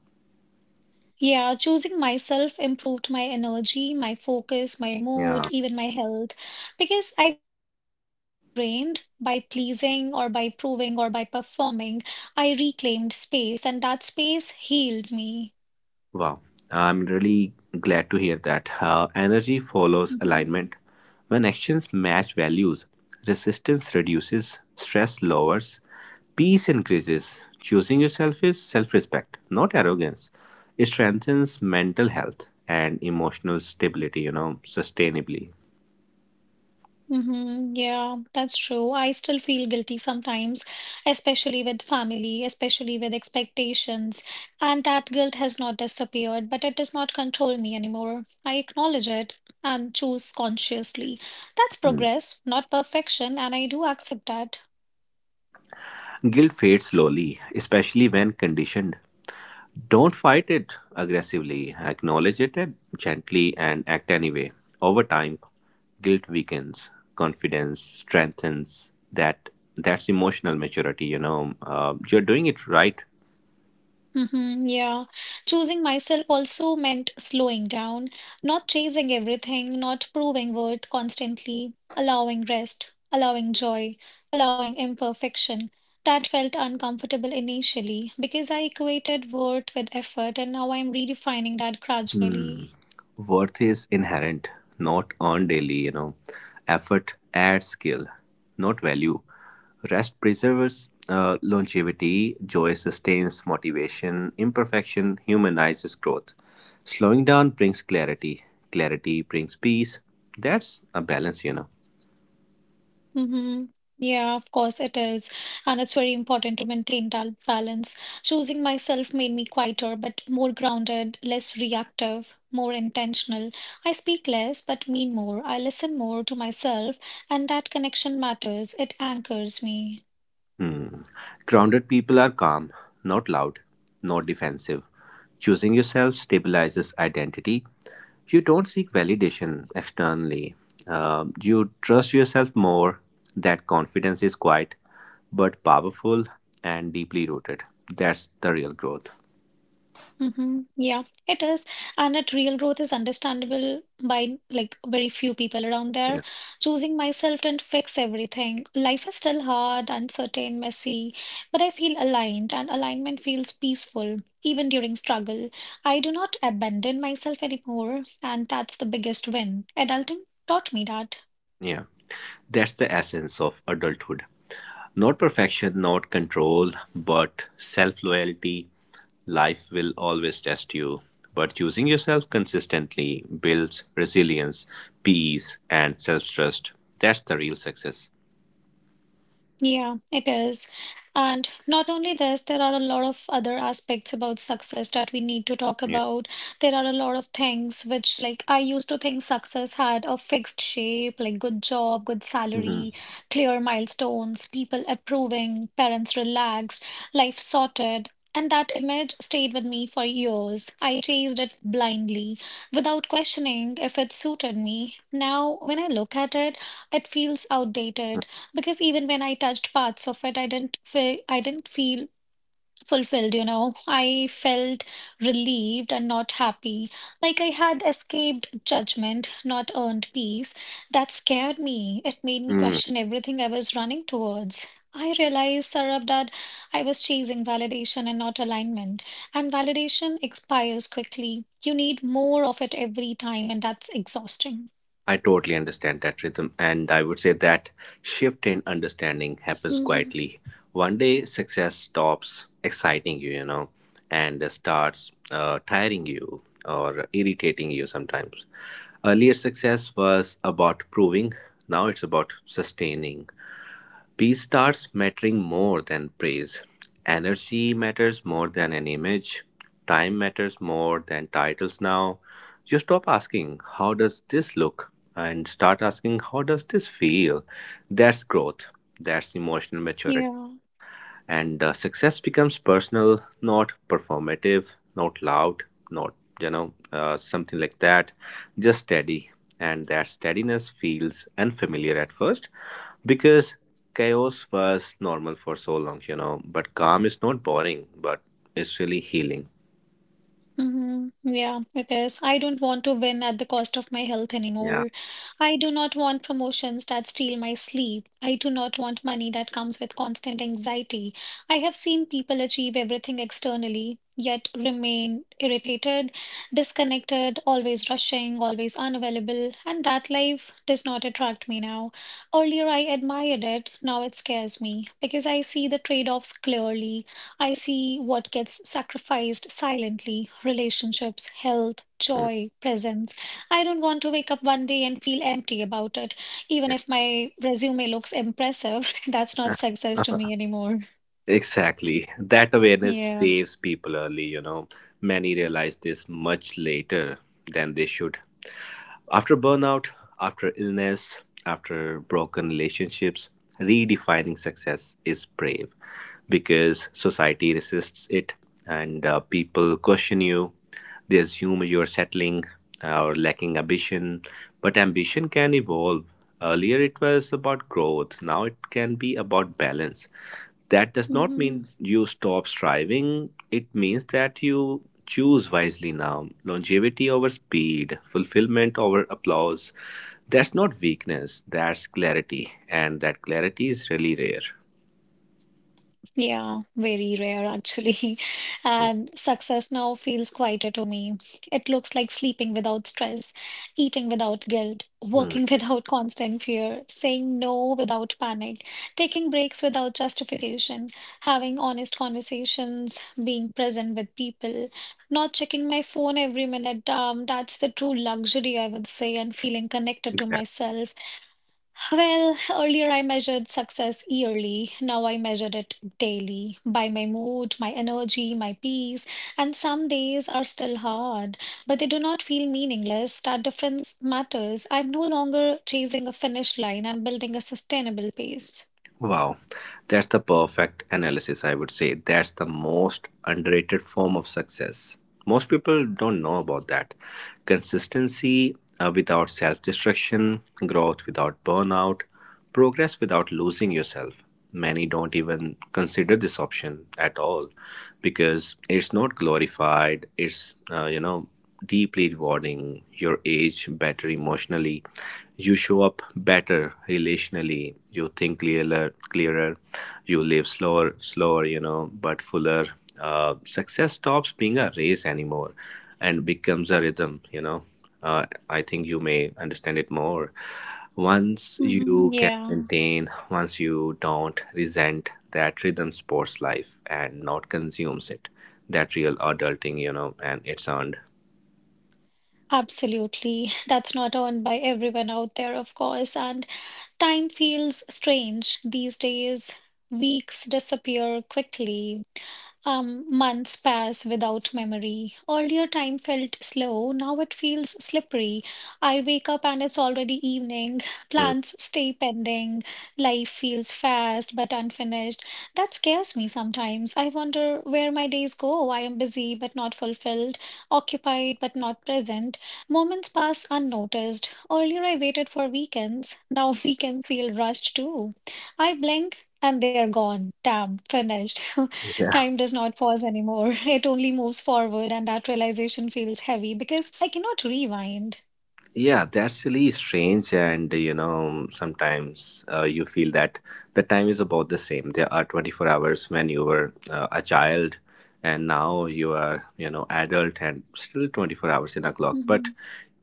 [SPEAKER 1] Yeah, choosing myself improved my energy, my focus, my mood,
[SPEAKER 2] Yeah.
[SPEAKER 1] even my health, because I was not constantly drained by pleasing or by proving or by performing. I reclaimed space, and that space healed me.
[SPEAKER 2] Wow, I'm really glad to hear that. Energy follows
[SPEAKER 1] Mhm.
[SPEAKER 2] alignment. When actions match values, resistance reduces, stress lowers, peace increases. Choosing yourself is self respect, not arrogance. It strengthens mental health and emotional stability, you know, sustainably.
[SPEAKER 1] Mm-hmm. Yeah, that's true. I still feel guilty sometimes, especially with family, especially with expectations. And that guilt has not disappeared, but it does not control me anymore. I acknowledge it and choose consciously. That's progress, not perfection, and I do accept that.
[SPEAKER 2] Guilt fades slowly, especially when conditioned. Don't fight it aggressively. Gently and act anyway. Over time, guilt weakens, confidence strengthens. That that's emotional maturity. You know, you're doing it right.
[SPEAKER 1] Hmm. Yeah. Choosing myself also meant slowing down, not chasing everything, not proving worth constantly, allowing rest, allowing joy, allowing imperfection. That felt uncomfortable initially because I equated worth with effort, and now I'm redefining that
[SPEAKER 2] Hmm.
[SPEAKER 1] gradually.
[SPEAKER 2] Worth is inherent, not earned daily, you know. Effort adds skill, not value. Rest preserves longevity, joy sustains motivation, imperfection humanizes growth. Slowing down brings clarity, clarity brings peace. That's a balance, you know.
[SPEAKER 1] Mm-hmm. Yeah, of course it is. And it's very important to maintain that balance. Choosing myself made me quieter, but more grounded, less reactive, more intentional. I speak less, but mean more. I listen more to myself, and that connection matters. It anchors me.
[SPEAKER 2] Hmm. Grounded people are calm, not loud, not defensive. Choosing yourself stabilizes identity. You don't seek validation externally. You trust yourself more. That confidence is quiet, but powerful and deeply rooted. That's the real growth.
[SPEAKER 1] Mm-hmm. Yeah, it is. And at Real Growth is understandable by like very few people around there. Choosing myself didn't fix everything. Life is still hard, uncertain, messy, but I feel aligned, and alignment feels peaceful even during struggle. I do not abandon myself anymore, and that's the biggest win. Adulting taught me that.
[SPEAKER 2] Yeah, that's the essence of adulthood. Not perfection, not control, but self loyalty. Life will always test you, but choosing yourself consistently builds resilience, peace, and self trust. That's the real success.
[SPEAKER 1] Yeah, it is. And not only this, there are a lot of other aspects about success that we need to talk
[SPEAKER 2] Yeah.
[SPEAKER 1] about. There are a lot of things which, like, I used to think success had a fixed shape, like good job, good
[SPEAKER 2] Mhm.
[SPEAKER 1] salary, clear milestones, people approving, parents relaxed, life sorted. And that image stayed with me for years. I chased it blindly, without questioning if it suited me. Now, when I look at it, it feels outdated because even when I touched parts of it, I didn't feel fulfilled, you know. I felt relieved and not happy, like I had escaped judgment, not earned peace. That scared me. It made me
[SPEAKER 2] Mm.
[SPEAKER 1] question everything I was running towards. I realized, Sarab, that I was chasing validation and not alignment. And validation expires quickly. You need more of it every time, and that's exhausting.
[SPEAKER 2] I totally understand that rhythm, and I would say that
[SPEAKER 1] Mhm.
[SPEAKER 2] shift in understanding happens quietly. One day, success stops exciting you, you know, and starts tiring you or irritating you sometimes. Earlier, success was about proving, now it's about sustaining. Peace starts mattering more than praise. Energy matters more than an image. Time matters more than titles now. You stop asking, how does this look? And start asking, how does this feel? That's growth. That's emotional maturity,
[SPEAKER 1] Yeah.
[SPEAKER 2] and success becomes personal, not performative, not loud, not, something like that, just steady, and that steadiness feels unfamiliar at first because chaos was normal for so long, you know, but calm is not boring, but it's really healing.
[SPEAKER 1] Hmm. Yeah, it is. I don't want to win at the cost of my health
[SPEAKER 2] Yeah.
[SPEAKER 1] anymore. I do not want promotions that steal my sleep. I do not want money that comes with constant anxiety. I have seen people achieve everything externally, yet remain irritated, disconnected, always rushing, always unavailable, and that life does not attract me now. Earlier, I admired it, now it scares me because I see the trade-offs clearly. I see what gets sacrificed silently relationships, health,
[SPEAKER 2] Mm.
[SPEAKER 1] joy, presence. I don't want to wake up one day and feel empty about it. Even if my resume looks impressive, that's not
[SPEAKER 2] Yeah.
[SPEAKER 1] success to me anymore.
[SPEAKER 2] Exactly. That awareness
[SPEAKER 1] Yeah.
[SPEAKER 2] saves people early, you know. Many realize this much later than they should. After burnout, after illness, after broken relationships, redefining success is brave because society resists it, and people question you. They assume you're settling or lacking ambition, but ambition can evolve. Earlier it was about growth, now it can be about balance. That does not
[SPEAKER 1] Hmm.
[SPEAKER 2] mean you stop striving, it means that you choose wisely now. Longevity over speed, fulfillment over applause. That's not weakness, that's clarity, and that clarity is really rare.
[SPEAKER 1] Yeah, very rare actually. And success now feels quieter to me. It looks like sleeping without stress, eating without guilt,
[SPEAKER 2] Hmm.
[SPEAKER 1] working without constant fear, saying no without panic, taking breaks without justification, having honest conversations, being present with people, not checking my phone every minute. That's the true luxury, I would say, and feeling connected to
[SPEAKER 2] Exactly.
[SPEAKER 1] myself. Well, earlier I measured success yearly. Now I measure it daily by my mood, my energy, my peace. And some days are still hard, but they do not feel meaningless. That difference matters. I'm no longer chasing a finish line, I'm building a sustainable pace.
[SPEAKER 2] Wow, that's the perfect analysis, I would say. That's the most underrated form of success. Most people don't know about that. Consistency without self destruction, growth without burnout, progress without losing yourself. Many don't even consider this option at all because it's not glorified, it's, deeply rewarding. Your age better emotionally, you show up better relationally, you think clearer, clearer, you live slower, slower, you know, but fuller. Success stops being a race anymore and becomes a rhythm, you know. I think you may understand it more. Once
[SPEAKER 1] Hmm.
[SPEAKER 2] you can
[SPEAKER 1] Yeah,
[SPEAKER 2] maintain, once you don't resent that rhythm sports life and not consumes it, that real adulting, you know, and it's earned.
[SPEAKER 1] absolutely. That's not earned by everyone out there, of course. And time feels strange these days. Weeks disappear quickly. Months pass without memory. Earlier, time felt slow. Now it feels slippery. I wake up and it's already evening.
[SPEAKER 2] Mm.
[SPEAKER 1] Plans stay pending. Life feels fast but unfinished. That scares me sometimes. I wonder where my days go. I am busy but not fulfilled, occupied but not present. Moments pass unnoticed. Earlier, I waited for weekends. Now, weekends feel rushed too. I blink and they're gone. Damn, finished.
[SPEAKER 2] Yeah.
[SPEAKER 1] Time does not pause anymore. It only moves forward, and that realization feels heavy because I cannot rewind.
[SPEAKER 2] Yeah, that's really strange, and you know, sometimes you feel that the time is about the same. There are 24 hours when you were a child, and now you are, you know, adult, and still 24 hours in a clock. But
[SPEAKER 1] Mhm.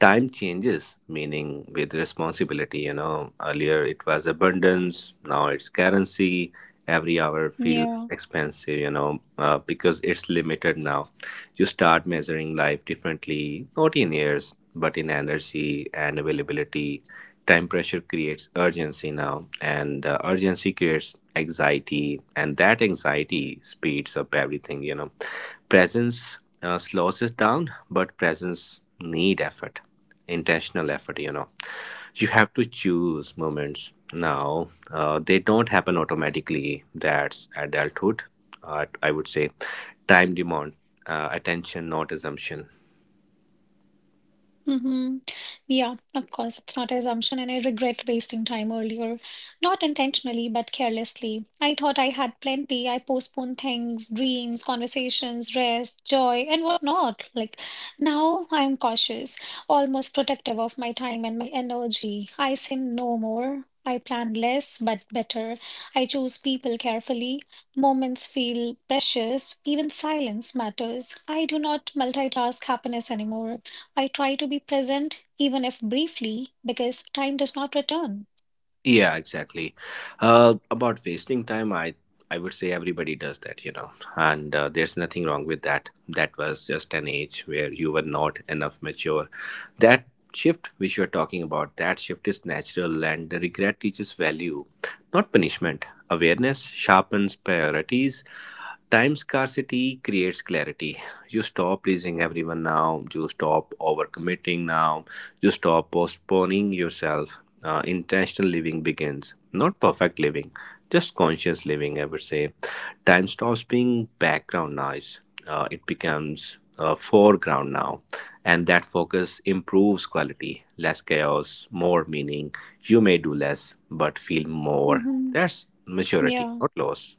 [SPEAKER 2] time changes, meaning with responsibility. You know, earlier it was abundance, now it's currency. Every hour feels
[SPEAKER 1] Yeah.
[SPEAKER 2] expensive, you know, because it's limited now. You start measuring life differently, not in years but in energy and availability. Time pressure creates urgency now, and urgency creates anxiety, and that anxiety speeds up everything. You know, presence slows it down, but presence need effort, intentional effort. You know, you have to choose moments now. They don't happen automatically. That's adulthood. I would say, time demand, attention, not assumption.
[SPEAKER 1] Mm-hmm. Yeah, of course, it's not an assumption, and I regret wasting time earlier. Not intentionally, but carelessly. I thought I had plenty. I postponed things, dreams, conversations, rest, joy, and whatnot. Like now, I'm cautious, almost protective of my time and my energy. I say no more. I plan less, but better. I choose people carefully. Moments feel precious. Even silence matters. I do not multitask happiness anymore. I try to be present, even if briefly, because time does not return.
[SPEAKER 2] Yeah, exactly. About wasting time, I would say everybody does that, you know, and there's nothing wrong with that. That was just an age where you were not enough mature. That shift which you're talking about, that shift is natural, and the regret teaches value, not punishment. Awareness sharpens priorities. Time scarcity creates clarity. You stop pleasing everyone now. You stop overcommitting now. You stop postponing yourself. Intentional living begins. Not perfect living, just conscious living, I would say. Time stops being background noise, it becomes foreground now, and that focus improves quality, less chaos, more meaning. You may do less but feel more.
[SPEAKER 1] Hmm.
[SPEAKER 2] That's maturity,
[SPEAKER 1] Yeah.
[SPEAKER 2] not loss.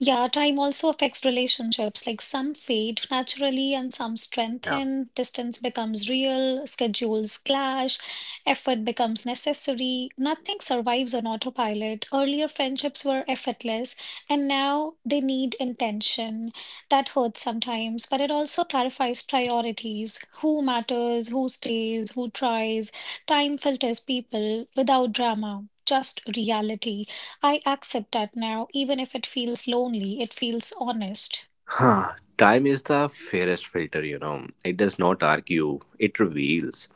[SPEAKER 1] Yeah, time also affects relationships. Like some fade naturally and some
[SPEAKER 2] Yeah.
[SPEAKER 1] strengthen. Distance becomes real, schedules clash, effort becomes necessary. Nothing survives on autopilot. Earlier friendships were effortless, and now they need intention. That hurts sometimes, but it also clarifies priorities. Who matters, who stays, who tries. Time filters people without drama, just reality. I accept that now, even if it feels lonely, it feels honest.
[SPEAKER 2] Huh. Time is the fairest filter, you know. It does not argue, it reveals.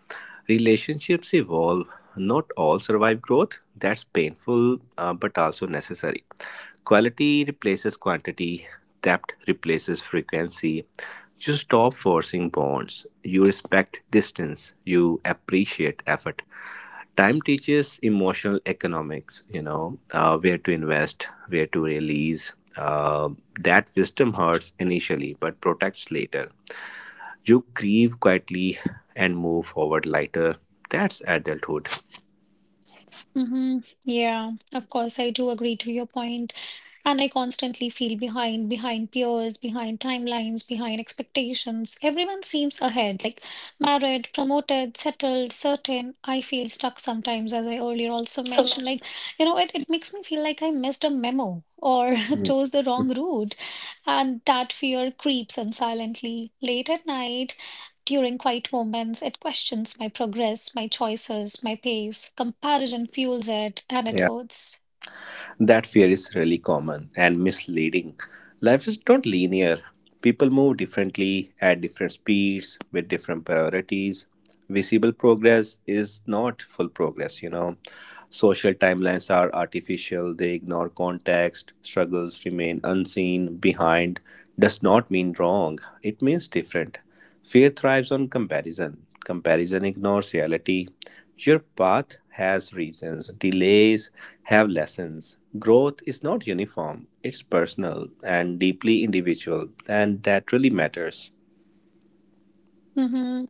[SPEAKER 2] Relationships evolve. Not all survive growth. That's painful, but also necessary. Quality replaces quantity, depth replaces frequency. You stop forcing bonds. You respect distance. You appreciate effort. Time teaches emotional economics, you know, where to invest, where to release. uh, that wisdom hurts initially but protects later. You grieve quietly and move forward lighter. That's adulthood.
[SPEAKER 1] Mm-hmm. Yeah, of course, I do agree to your point. And I constantly feel behind, behind peers, behind timelines, behind expectations. Everyone seems ahead, like married, promoted, settled, certain. I feel stuck sometimes, as I earlier also mentioned. Like, it makes me feel like I missed a memo or chose the wrong route. And that fear creeps in silently. Late at night, during quiet moments, it questions my progress, my choices, my pace. Comparison fuels it, and it hurts.
[SPEAKER 2] That fear is really common and misleading. Life is not linear. People move differently at different speeds with different priorities. Visible progress is not full progress, you know. Social timelines are artificial, they ignore context, struggles remain unseen, behind does not mean wrong, it means different. Fear thrives on comparison. Comparison ignores reality. Your path has reasons. Delays have lessons. Growth is not uniform, it's personal and deeply individual, and that really matters.
[SPEAKER 1] Mm-hmm.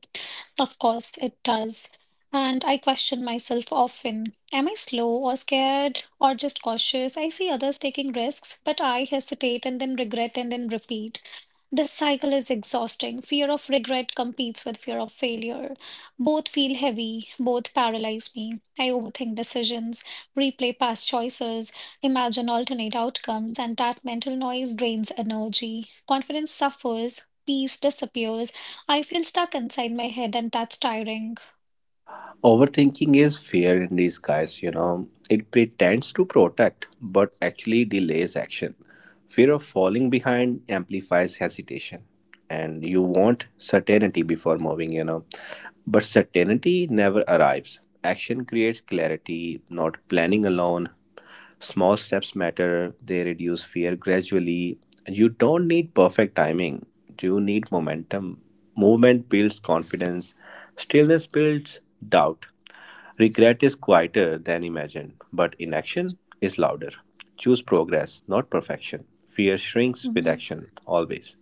[SPEAKER 1] Of course, it does. And I question myself often. Am I slow or scared or just cautious? I see others taking risks, but I hesitate and then regret and then repeat. This cycle is exhausting. Fear of regret competes with fear of failure. Both feel heavy, both paralyze me. I overthink decisions, replay past choices, imagine alternate outcomes, and that mental noise drains energy. Confidence suffers, peace disappears. I feel stuck inside my head, and that's tiring.
[SPEAKER 2] Overthinking is fear in disguise, you know. It pretends to protect, but actually delays action. Fear of falling behind amplifies hesitation. And you want certainty before moving, you know. But certainty never arrives. Action creates clarity, not planning alone. Small steps matter, they reduce fear gradually. You don't need perfect timing, you need momentum. Movement builds confidence, stillness builds doubt. Regret is quieter than imagined, but inaction is louder. Choose progress, not perfection. Fear shrinks with
[SPEAKER 1] Mhm.
[SPEAKER 2] action, always.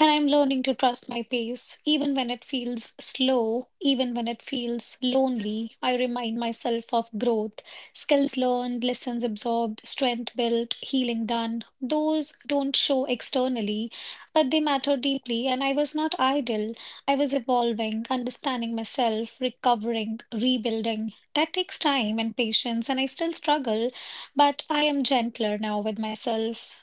[SPEAKER 1] And I'm learning to trust my pace, even when it feels slow, even when it feels lonely. I remind myself of growth, skills learned, lessons absorbed, strength built, healing done. Those don't show externally, but they matter deeply. And I was not idle. I was evolving, understanding myself, recovering, rebuilding. That takes time and patience, and I still struggle, but I am gentler now with myself.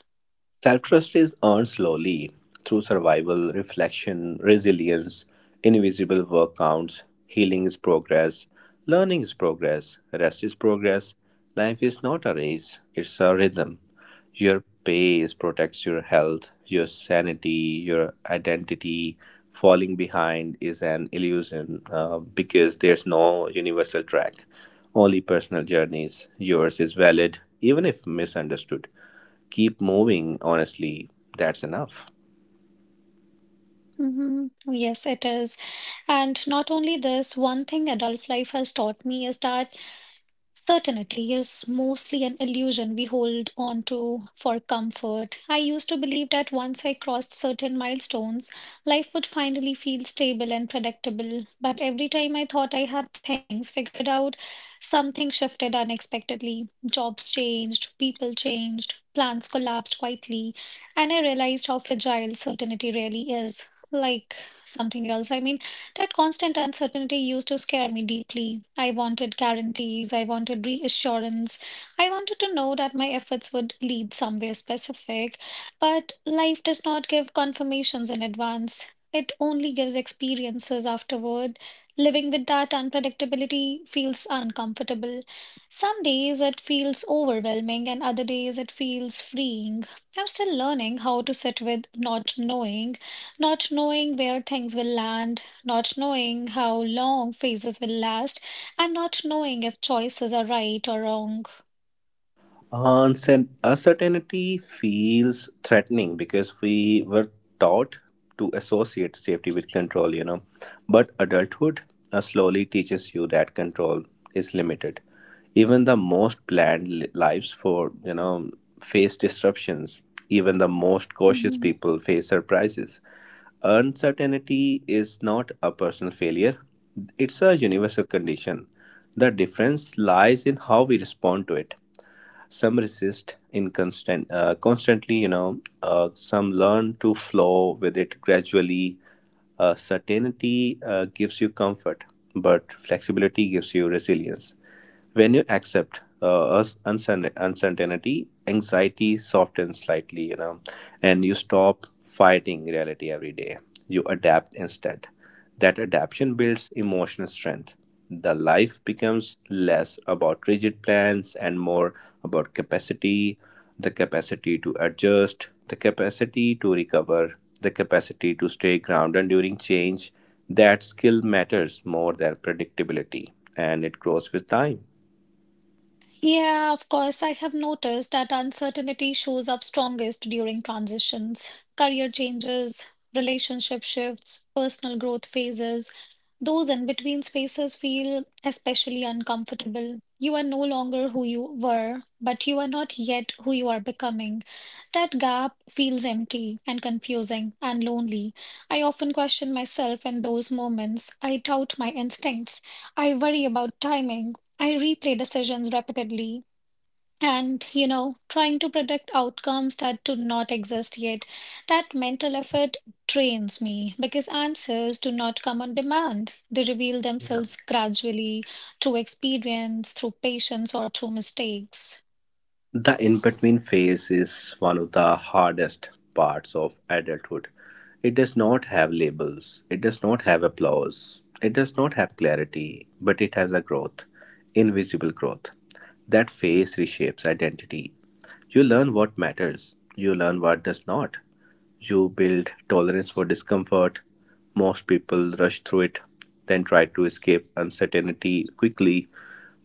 [SPEAKER 2] Self trust is earned slowly through survival, reflection, resilience, invisible work counts, healing is progress, learning is progress, rest is progress. Life is not a race, it's a rhythm. Your pace protects your health, your sanity, your identity. Falling behind is an illusion because there's no universal track. Only personal journeys. Yours is valid, even if misunderstood. Keep moving honestly, that's enough.
[SPEAKER 1] Hmm. Yes, it is. And not only this, one thing adult life has taught me is that certainty is mostly an illusion we hold on to for comfort. I used to believe that once I crossed certain milestones, life would finally feel stable and predictable. But every time I thought I had things figured out, something shifted unexpectedly. Jobs changed, people changed, plans collapsed quietly, and I realized how fragile certainty really is. Like something else. I mean, that constant uncertainty used to scare me deeply. I wanted guarantees, I wanted reassurance, I wanted to know that my efforts would lead somewhere specific. But life does not give confirmations in advance, it only gives experiences afterward. Living with that unpredictability feels uncomfortable. Some days it feels overwhelming, and other days it feels freeing. I'm still learning how to sit with not knowing, not knowing where things will land, not knowing how long phases will last, and not knowing if choices are right or wrong.
[SPEAKER 2] Uncertainty feels threatening because we were taught to associate safety with control, you know. But adulthood slowly teaches you that control is limited. Even the most planned lives for, you know, face disruptions. Even the most cautious people face surprises. Uncertainty is not a personal failure, it's a universal condition. The difference lies in how we respond to it. Some resist in constant constantly, you know, some learn to flow with it gradually. Certainty gives you comfort, but flexibility gives you resilience. When you accept uncertainty, anxiety softens slightly, you know, and you stop fighting reality every day. You adapt instead. That adaptation builds emotional strength. The life becomes less about rigid plans and more about capacity, the capacity to adjust, the capacity to recover, the capacity to stay grounded during change. That skill matters more than predictability, and it grows with time.
[SPEAKER 1] Yeah, of course. I have noticed that uncertainty shows up strongest during transitions, career changes, relationship shifts, personal growth phases. Those in between spaces feel especially uncomfortable. You are no longer who you were, but you are not yet who you are becoming. That gap feels empty and confusing and lonely. I often question myself in those moments. I doubt my instincts. I worry about timing, I replay decisions repeatedly, and, you know, trying to predict outcomes that do not exist yet. That mental effort drains me because answers do not come on demand. They reveal themselves gradually through experience, through patience, or through mistakes.
[SPEAKER 2] The in between phase is one of the hardest parts of adulthood. It does not have labels, it does not have applause, it does not have clarity, but it has a growth, invisible growth. That phase reshapes identity. You learn what matters, you learn what does not. You build tolerance for discomfort. Most people rush through it, then try to escape uncertainty quickly.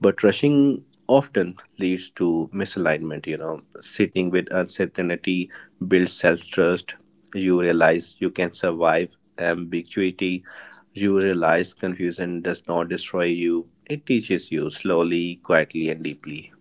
[SPEAKER 2] But rushing often leads to misalignment, you know. Sitting with uncertainty builds self trust. You realize you can survive ambiguity. You realize confusion does not destroy you, it teaches you slowly, quietly, and deeply.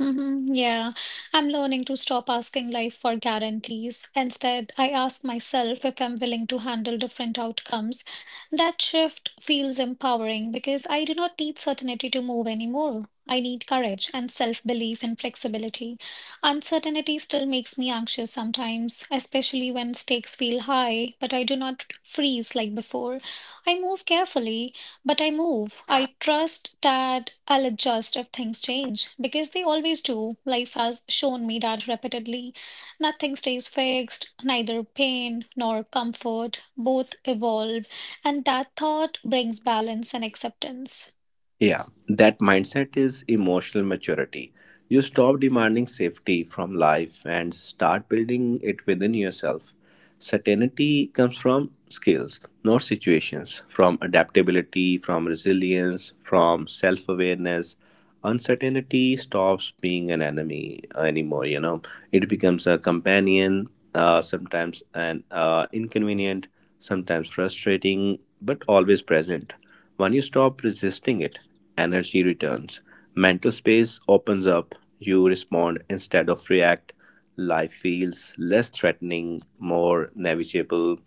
[SPEAKER 1] Hmm. Yeah, I'm learning to stop asking life for guarantees. Instead, I ask myself if I'm willing to handle different outcomes. That shift feels empowering because I do not need certainty to move anymore. I need courage and self-belief and flexibility. Uncertainty still makes me anxious sometimes, especially when stakes feel high, but I do not freeze like before. I move carefully, but I move. I trust that I'll adjust if things change because they always do. Life has shown me that repeatedly. Nothing stays fixed, neither pain nor comfort. Both evolve, and that thought brings balance and acceptance.
[SPEAKER 2] Yeah, that mindset is emotional maturity. You stop demanding safety from life and start building it within yourself. Certainty comes from skills, not situations, from adaptability, from resilience, from self awareness. Uncertainty stops being an enemy anymore, you know. It becomes a companion, sometimes an inconvenient, sometimes frustrating, but always present. When you stop resisting it, energy returns, mental space opens up. You respond instead of react. Life feels less threatening, more navigable,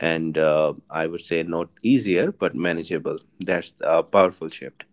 [SPEAKER 2] and I would say not easier but manageable. That's a powerful shift.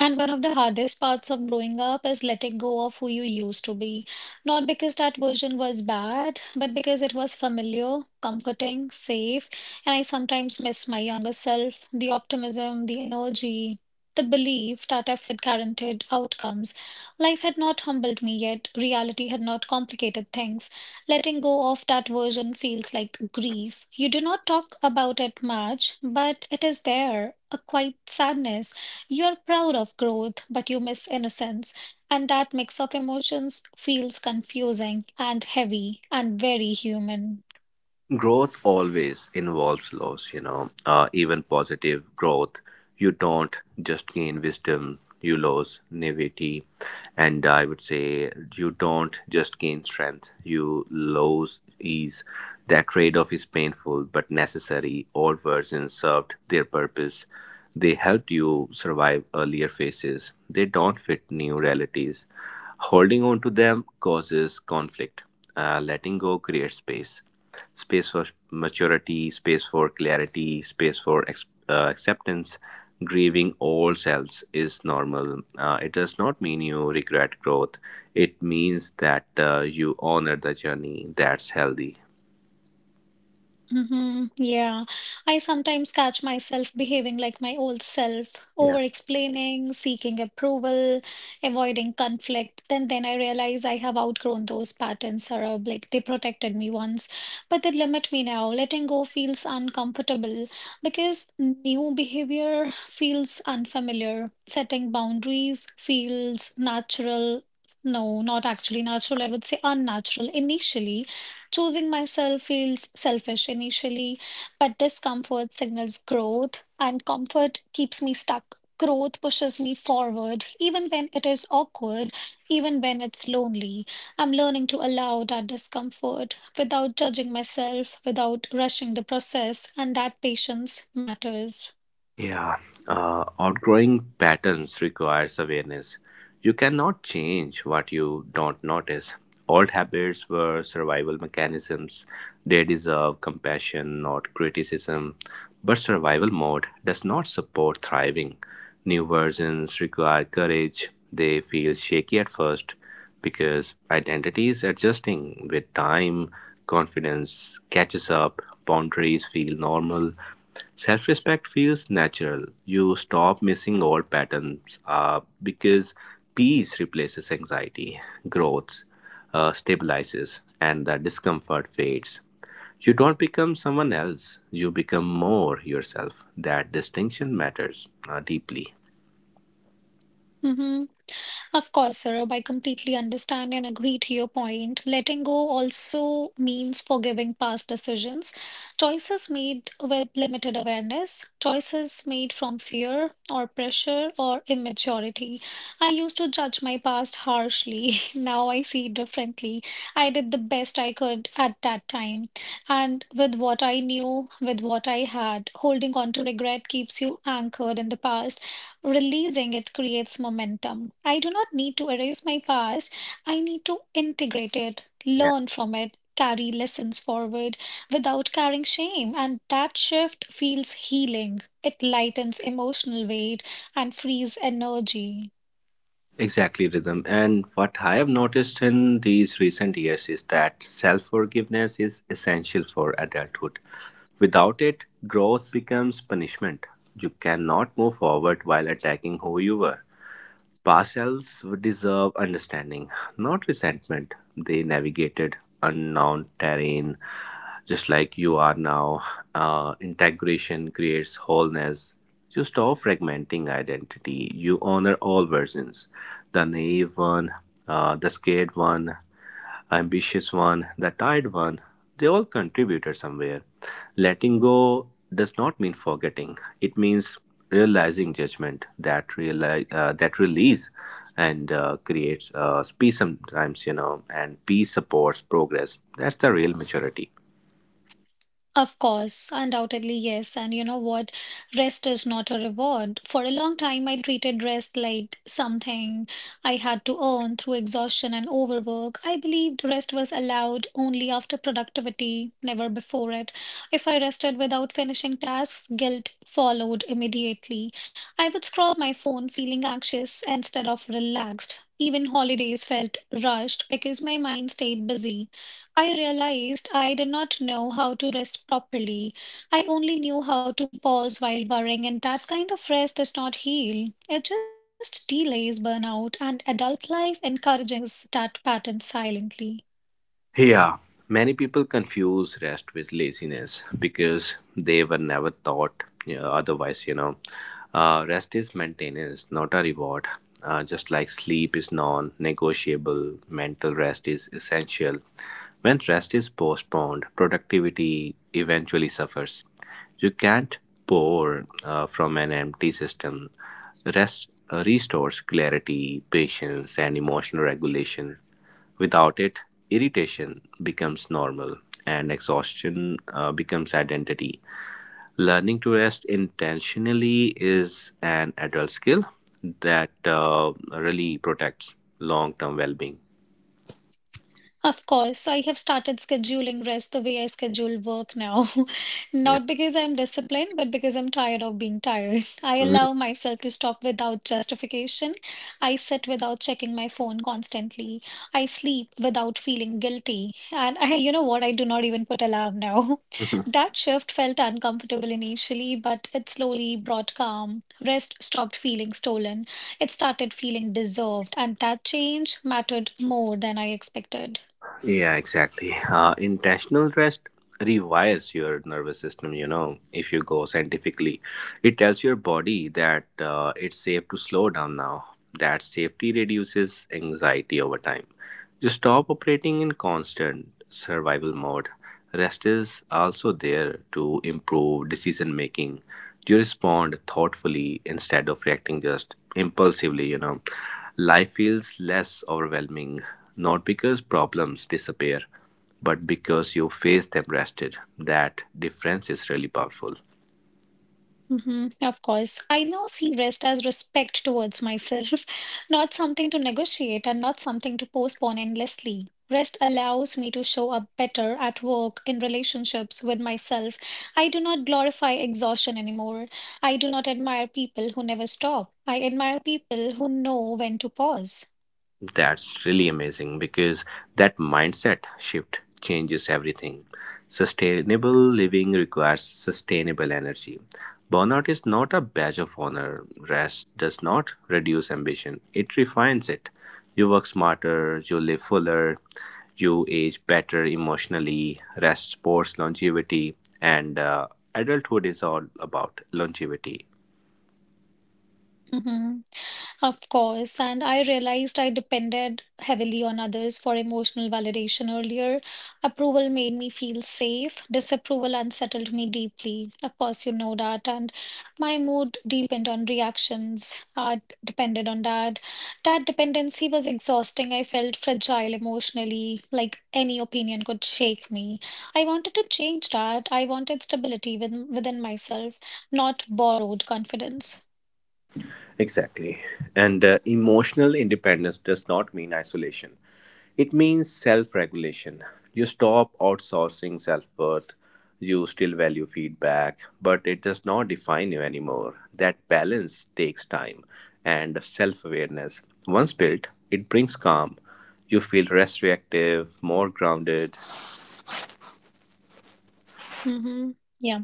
[SPEAKER 1] And one of the hardest parts of growing up is letting go of who you used to be. Not because that version was bad, but because it was familiar, comforting, safe. And I sometimes miss my younger self, the optimism, the energy, the belief that effort guaranteed outcomes. Life had not humbled me yet, reality had not complicated things. Letting go of that version feels like grief. You do not talk about it much, but it is there, a quiet sadness. You're proud of growth, but you miss innocence. And that mix of emotions feels confusing and heavy and very human.
[SPEAKER 2] Growth always involves loss, you know, even positive growth. You don't just gain wisdom, you lose naivety. And I would say you don't just gain strength, you lose ease. That trade-off is painful but necessary. All versions served their purpose, they helped you survive earlier phases. They don't fit new realities. Holding on to them causes conflict. Letting go creates space, space for maturity, space for clarity, space for acceptance. Grieving old selves is normal. It does not mean you regret growth. It means that you honor the journey. That's healthy.
[SPEAKER 1] Hmm. Yeah, I sometimes catch myself behaving like my old self, over-explaining, seeking approval, avoiding conflict. Then I realize I have outgrown those patterns, or like they protected me once, but they limit me now. Letting go feels uncomfortable because new behavior feels unfamiliar. Setting boundaries feels natural. No, not actually natural. I would say unnatural initially. Choosing myself feels selfish initially, but discomfort signals growth, and comfort keeps me stuck. Growth pushes me forward, even when it is awkward, even when it's lonely. I'm learning to allow that discomfort without judging myself, without rushing the process, and that patience matters.
[SPEAKER 2] Yeah, outgrowing patterns requires awareness. You cannot change what you don't notice. Old habits were survival mechanisms. They deserve compassion, not criticism. But survival mode does not support thriving. New versions require courage. They feel shaky at first because identity is adjusting. With time, confidence catches up, boundaries feel normal, self respect feels natural. You stop missing old patterns because peace replaces anxiety, growth stabilizes, and the discomfort fades. You don't become someone else, you become more yourself. That distinction matters deeply.
[SPEAKER 1] Mm-hmm. Of course, Saurabh, I completely understand and agree to your point. Letting go also means forgiving past decisions, choices made with limited awareness, choices made from fear or pressure or immaturity. I used to judge my past harshly. Now I see it differently. I did the best I could at that time. And with what I knew, with what I had, holding on to regret keeps you anchored in the past. Releasing it creates momentum. I do not need to erase my past. I need to integrate it,
[SPEAKER 2] Yeah.
[SPEAKER 1] learn from it, carry lessons forward without carrying shame. And that shift feels healing. It lightens emotional weight and frees energy.
[SPEAKER 2] Exactly, Rhythm. And what I have noticed in these recent years is that self forgiveness is essential for adulthood. Without it, growth becomes punishment. You cannot move forward while attacking who you were. Past selves deserve understanding, not resentment. They navigated unknown terrain, just like you are now. Integration creates wholeness. You stop fragmenting identity. You honor all versions, the naive one, the scared one, ambitious one, the tired one, they all contributed somewhere. Letting go does not mean forgetting. It means realizing judgment, that realize that release and creates peace sometimes, you know, and peace supports progress. That's the real maturity.
[SPEAKER 1] Of course, undoubtedly, yes. And you know what? Rest is not a reward. For a long time, I treated rest like something I had to earn through exhaustion and overwork. I believed rest was allowed only after productivity, never before it. If I rested without finishing tasks, guilt followed immediately. I would scroll my phone feeling anxious instead of relaxed. Even holidays felt rushed because my mind stayed busy. I realized I did not know how to rest properly. I only knew how to pause while worrying, and that kind of rest does not heal. It just delays burnout, and adult life encourages that pattern silently.
[SPEAKER 2] Many people confuse rest with laziness because they were never taught, you know, otherwise, you know. Rest is maintenance, not a reward. Just like sleep is non negotiable, mental rest is essential. When rest is postponed, productivity eventually suffers. You can't pour from an empty system. Rest restores clarity, patience, and emotional regulation. Without it, irritation becomes normal and exhaustion becomes identity. Learning to rest intentionally is an adult skill that really protects long term well being.
[SPEAKER 1] Of course. So I have started scheduling rest the way I schedule work now. Not because I'm disciplined, but because I'm tired of being tired. I
[SPEAKER 2] Yeah.
[SPEAKER 1] allow myself to stop without justification. I sit without checking my phone constantly. I sleep without feeling guilty. And I, you know what? I do not even put alarm now. That shift felt uncomfortable initially, but it slowly brought calm. Rest stopped feeling stolen. It started feeling deserved, and that change mattered more than I expected.
[SPEAKER 2] Yeah, exactly. Intentional rest rewires your nervous system, you know, if you go scientifically. It tells your body that it's safe to slow down now. That safety reduces anxiety over time. Just stop operating in constant survival mode. Rest is also there to improve decision making. You respond thoughtfully instead of reacting just impulsively, you know. Life feels less overwhelming, not because problems disappear, but because you face them rested. That difference is really powerful.
[SPEAKER 1] Hmm. Of course. I now see rest as respect towards myself, not something to negotiate and not something to postpone endlessly. Rest allows me to show up better at work, in relationships with myself. I do not glorify exhaustion anymore. I do not admire people who never stop. I admire people who know when to pause.
[SPEAKER 2] That's really amazing because that mindset shift changes everything. Sustainable living requires sustainable energy. Burnout is not a badge of honor. Rest does not reduce ambition, it refines it. You work smarter, you live fuller, you age better emotionally. Rest supports longevity, and adulthood is all about longevity.
[SPEAKER 1] Hmm. Of course, and I realized I depended heavily on others for emotional validation earlier. Approval made me feel safe, disapproval unsettled me deeply. Of course, you know that. And my mood deepened on reactions, depended on that. That dependency was exhausting. I felt fragile emotionally, like any opinion could shake me. I wanted to change that. I wanted stability within myself, not borrowed confidence.
[SPEAKER 2] Exactly. And emotional independence does not mean isolation. It means self regulation. You stop outsourcing self worth. You still value feedback, but it does not define you anymore. That balance takes time and self awareness. Once built, it brings calm. You feel less reactive, more grounded.
[SPEAKER 1] Mm-hmm. Yeah,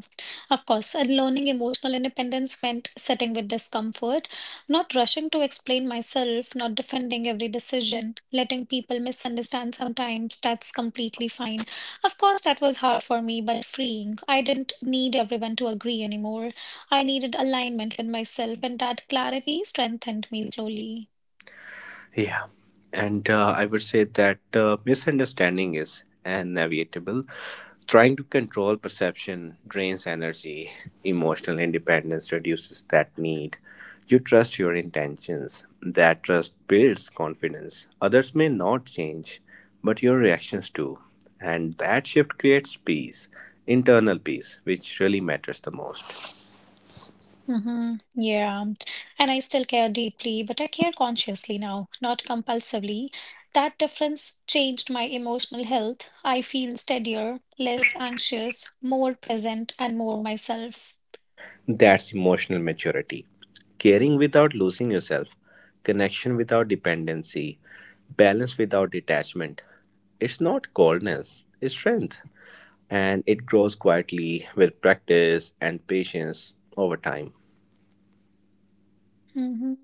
[SPEAKER 1] of course. And learning emotional independence meant sitting with discomfort, not rushing to explain myself, not defending every decision, letting people misunderstand sometimes. That's completely fine. Of course, that was hard for me, but freeing. I didn't need everyone to agree anymore. I needed alignment with myself, and that clarity strengthened me slowly.
[SPEAKER 2] Yeah, and I would say that misunderstanding is unnavigable. Trying to control perception drains energy. Emotional independence reduces that need. You trust your intentions. That trust builds confidence. Others may not change, but your reactions do. And that shift creates peace, internal peace, which really matters the most.
[SPEAKER 1] Mm-hmm. Yeah. And I still care deeply, but I care consciously now, not compulsively. That difference changed my emotional health. I feel steadier, less anxious, more present, and more myself.
[SPEAKER 2] That's emotional maturity. Caring without losing yourself, connection without dependency, balance without detachment. It's not coldness, it's strength. And it grows quietly with practice and patience over time.
[SPEAKER 1] Mm-hmm.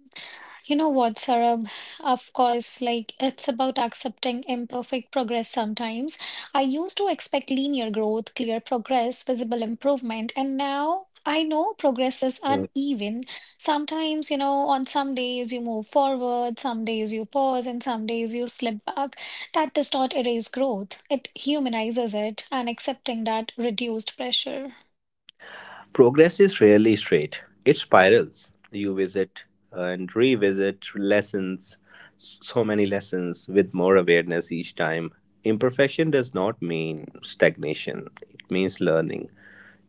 [SPEAKER 1] You know what, Sarab? Of course, like it's about accepting imperfect progress sometimes. I used to expect linear growth, clear progress, visible improvement, and now I know progress is uneven. Sometimes, you know, on some days you move forward, some days you pause, and some days you slip back. That does not erase growth, it humanizes it, and accepting that reduced pressure.
[SPEAKER 2] Progress is rarely straight, it spirals. You visit and revisit lessons, so many lessons, with more awareness each time. Imperfection does not mean stagnation, it means learning.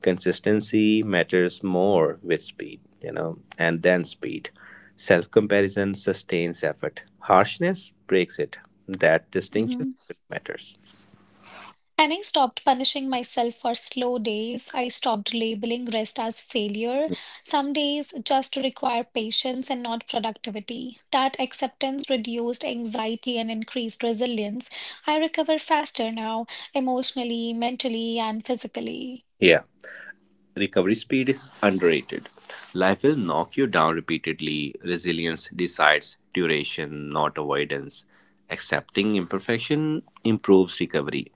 [SPEAKER 2] Consistency matters more with speed, you know, and then speed. Self comparison sustains effort, harshness breaks it. That distinction
[SPEAKER 1] Mm-hmm.
[SPEAKER 2] really matters.
[SPEAKER 1] And I stopped punishing myself for slow days. I stopped labeling rest as failure. Some days just require patience and not productivity. That acceptance reduced anxiety and increased resilience. I recover faster now, emotionally, mentally, and physically.
[SPEAKER 2] Yeah. Recovery speed is underrated. Life will knock you down repeatedly. Resilience decides duration, not avoidance. Accepting imperfection improves recovery.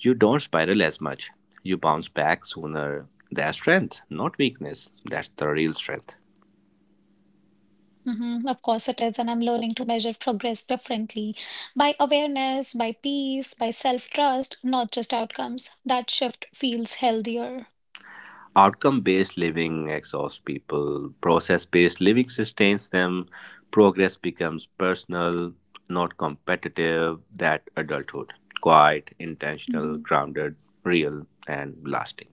[SPEAKER 2] You don't spiral as much. You bounce back sooner. That's strength, not weakness. That's the real strength.
[SPEAKER 1] Mhm. Of course, it is, and I'm learning to measure progress differently by awareness, by peace, by self trust, not just outcomes. That shift feels healthier.
[SPEAKER 2] Outcome based living exhausts people, process based living sustains them. Progress becomes personal, not competitive. That adulthood, quiet, intentional,
[SPEAKER 1] Mhm.
[SPEAKER 2] grounded, real and lasting.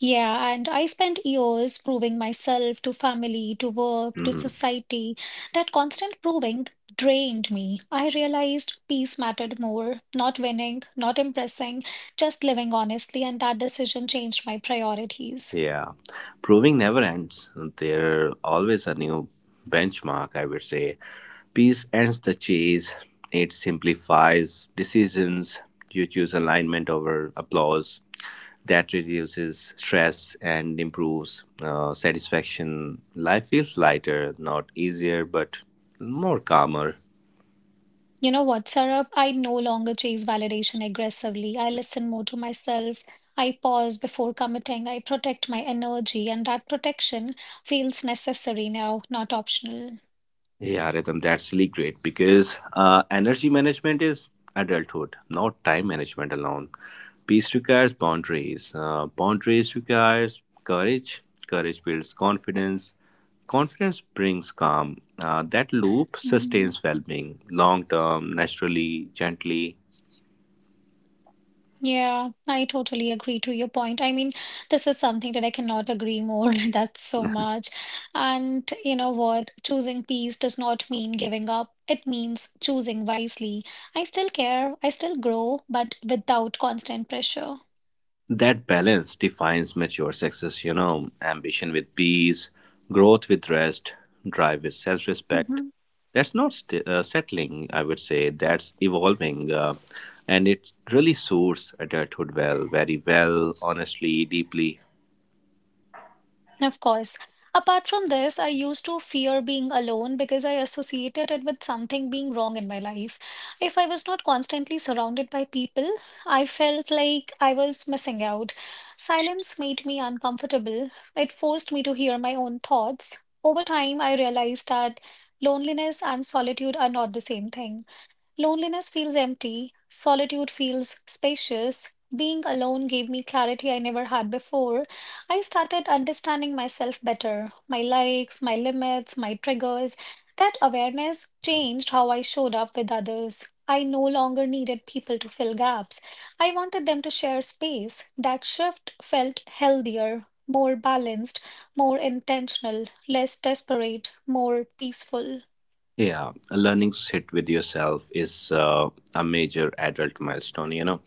[SPEAKER 1] Yeah, and I spent years proving myself to family, to work, to
[SPEAKER 2] Mhm.
[SPEAKER 1] society. That constant proving drained me. I realized peace mattered more, not winning, not impressing, just living honestly, and that decision changed my priorities.
[SPEAKER 2] Yeah, proving never ends. There always a new benchmark, I would say. Peace ends the chase. It simplifies decisions. You choose alignment over applause. That reduces stress and improves satisfaction. Life feels lighter, not easier, but more calmer.
[SPEAKER 1] You know what, Saurabh? I no longer chase validation aggressively. I listen more to myself. I pause before committing. I protect my energy, and that protection feels necessary now, not optional.
[SPEAKER 2] Yeah, Rhythm, that's really great because energy management is adulthood, not time management alone. Peace requires boundaries. Boundaries requires courage. Courage builds confidence. Confidence brings calm. That loop
[SPEAKER 1] Mhm.
[SPEAKER 2] sustains well-being, long term, naturally, gently.
[SPEAKER 1] Yeah, I totally agree to your point. This is something that I cannot agree more. That's so much. And you know what? Choosing peace does not mean giving up. It means choosing wisely. I still care, I still grow, but without constant pressure.
[SPEAKER 2] That balance defines mature success, you know, ambition with peace, growth with rest, drive with self respect.
[SPEAKER 1] Mhm.
[SPEAKER 2] That's not settling, I would say. That's evolving. And it really suits adulthood well, very well, honestly, deeply.
[SPEAKER 1] Of course. Apart from this, I used to fear being alone because I associated it with something being wrong in my life. If I was not constantly surrounded by people, I felt like I was missing out. Silence made me uncomfortable. It forced me to hear my own thoughts. Over time, I realized that loneliness and solitude are not the same thing. Loneliness feels empty, solitude feels spacious. Being alone gave me clarity I never had before. I started understanding myself better, my likes, my limits, my triggers. That awareness changed how I showed up with others. I no longer needed people to fill gaps. I wanted them to share space. That shift felt healthier, more balanced, more intentional, less desperate, more peaceful.
[SPEAKER 2] Yeah, learning to sit with yourself is a major adult milestone. You know,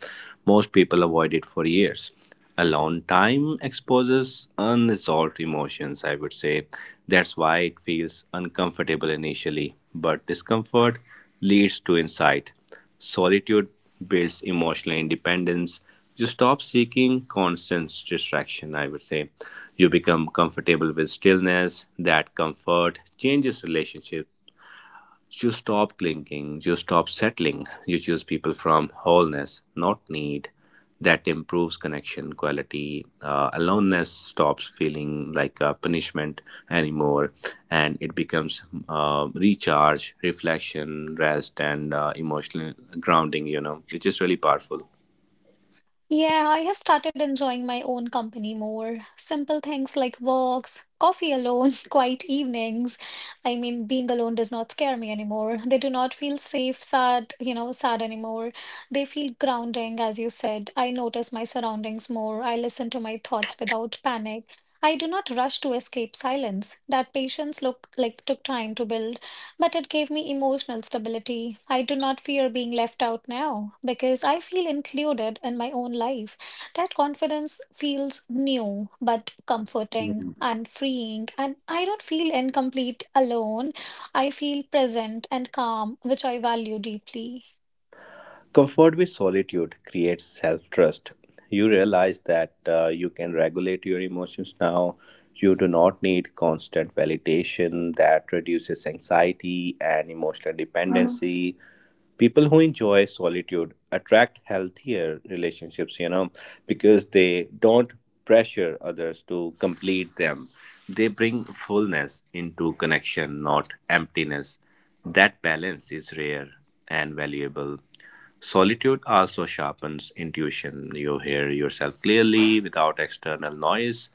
[SPEAKER 2] most people avoid it for years. Alone time exposes unresolved emotions, I would say. That's why it feels uncomfortable initially, but discomfort leads to insight. Solitude builds emotional independence. You stop seeking constant distraction, I would say. You become comfortable with stillness. That comfort changes relationships. You stop clinging, you stop settling, you choose people from wholeness, not need. That improves connection quality. Aloneness stops feeling like a punishment anymore, and it becomes recharge, reflection, rest, and emotional grounding, you know, which is really powerful.
[SPEAKER 1] Yeah, I have started enjoying my own company more. Simple things like walks, coffee alone, quiet evenings. Being alone does not scare me anymore. They do not feel safe, sad anymore. They feel grounding, as you said. I notice my surroundings more. I listen to my thoughts without panic. I do not rush to escape silence. That patience look like took time to build, but it gave me emotional stability. I do not fear being left out now because I feel included in my own life. That confidence feels new but comforting and freeing, and I don't feel incomplete alone. I feel present and calm, which I value deeply.
[SPEAKER 2] Comfort with solitude creates self trust. You realize that you can regulate your emotions now. You do not need constant validation. That reduces anxiety and emotional dependency. People who enjoy solitude attract healthier relationships, you know, because they don't pressure others to complete them. They bring fullness into connection, not emptiness. That balance is rare and valuable. Solitude also sharpens intuition. You hear yourself clearly without external noise.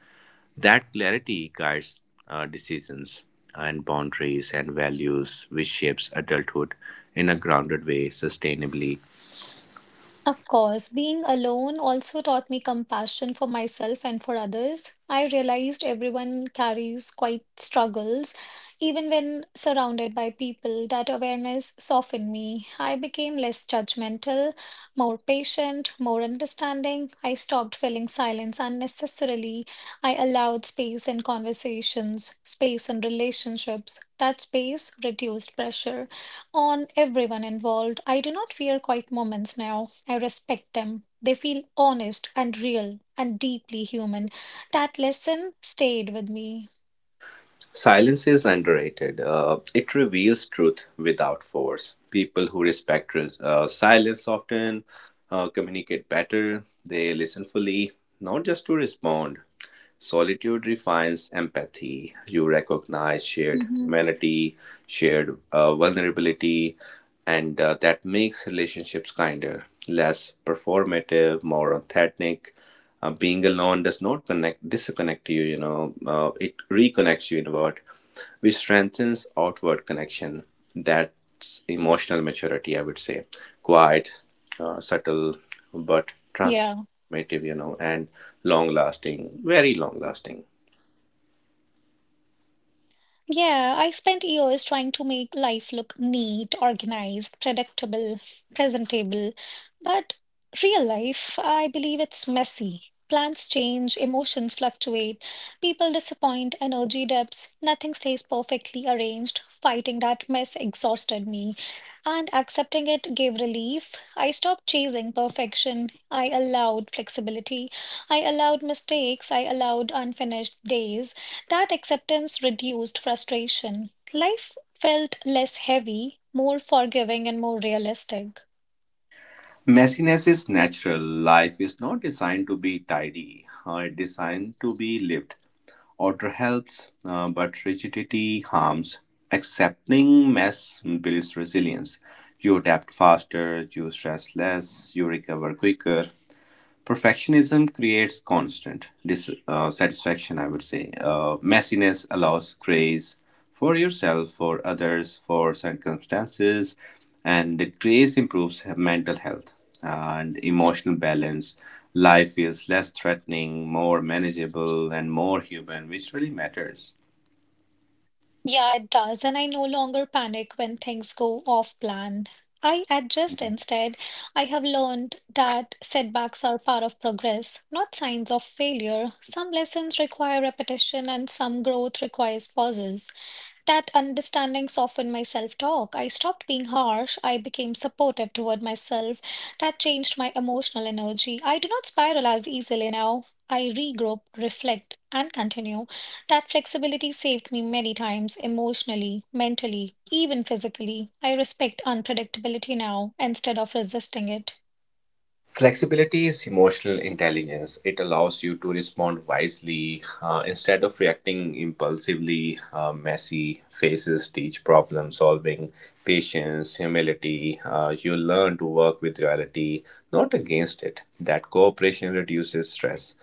[SPEAKER 2] That clarity guides decisions and boundaries and values, which shapes adulthood in a grounded way sustainably.
[SPEAKER 1] Of course, being alone also taught me compassion for myself and for others. I realized everyone carries quite struggles, even when surrounded by people. That awareness softened me. I became less judgmental, more patient, more understanding. I stopped filling silence unnecessarily. I allowed space in conversations, space in relationships. That space reduced pressure on everyone involved. I do not fear quiet moments now. I respect them. They feel honest and real and deeply human. That lesson stayed with me.
[SPEAKER 2] Silence is underrated. It reveals truth without force. People who respect silence often communicate better, they listen fully, not just to respond. Solitude refines empathy. You recognize shared
[SPEAKER 1] Mhm.
[SPEAKER 2] humanity, shared vulnerability, and that makes relationships kinder, less performative, more authentic. Being alone does not connect, disconnect you. You know, it reconnects you inward, which strengthens outward connection. That's emotional maturity, I would say. Quiet,
[SPEAKER 1] Yeah.
[SPEAKER 2] subtle, but transparent informative, and long lasting, very long lasting.
[SPEAKER 1] Yeah, I spent years trying to make life look neat, organized, predictable, presentable. But real life, I believe it's messy. Plans change, emotions fluctuate, people disappoint, energy dips, nothing stays perfectly arranged. Fighting that mess exhausted me, and accepting it gave relief. I stopped chasing perfection. I allowed flexibility. I allowed mistakes. I allowed unfinished days. That acceptance reduced frustration. Life felt less heavy, more forgiving, and more realistic.
[SPEAKER 2] Messiness is natural. Life is not designed to be tidy, it's designed to be lived. Order helps, but rigidity harms. Accepting mess builds resilience. You adapt faster, you stress less, you recover quicker. Perfectionism creates constant dissatisfaction, I would say. Messiness allows grace for yourself, for others, for circumstances, and grace improves mental health and emotional balance. Life feels less threatening, more manageable, and more human, which really matters.
[SPEAKER 1] Yeah, it does, and I no longer panic when things go off plan. I adjust instead. I have learned that setbacks are part of progress, not signs of failure. Some lessons require repetition, and some growth requires pauses. That understanding softened my self-talk. I stopped being harsh. I became supportive toward myself. That changed my emotional energy. I do not spiral as easily now. I regroup, reflect, and continue. That flexibility saved me many times, emotionally, mentally, even physically. I respect unpredictability now instead of resisting it.
[SPEAKER 2] Flexibility is emotional intelligence. It allows you to respond wisely instead of reacting impulsively. Messy faces teach problem solving, patience, humility. You learn to work with reality, not against it. That cooperation reduces stress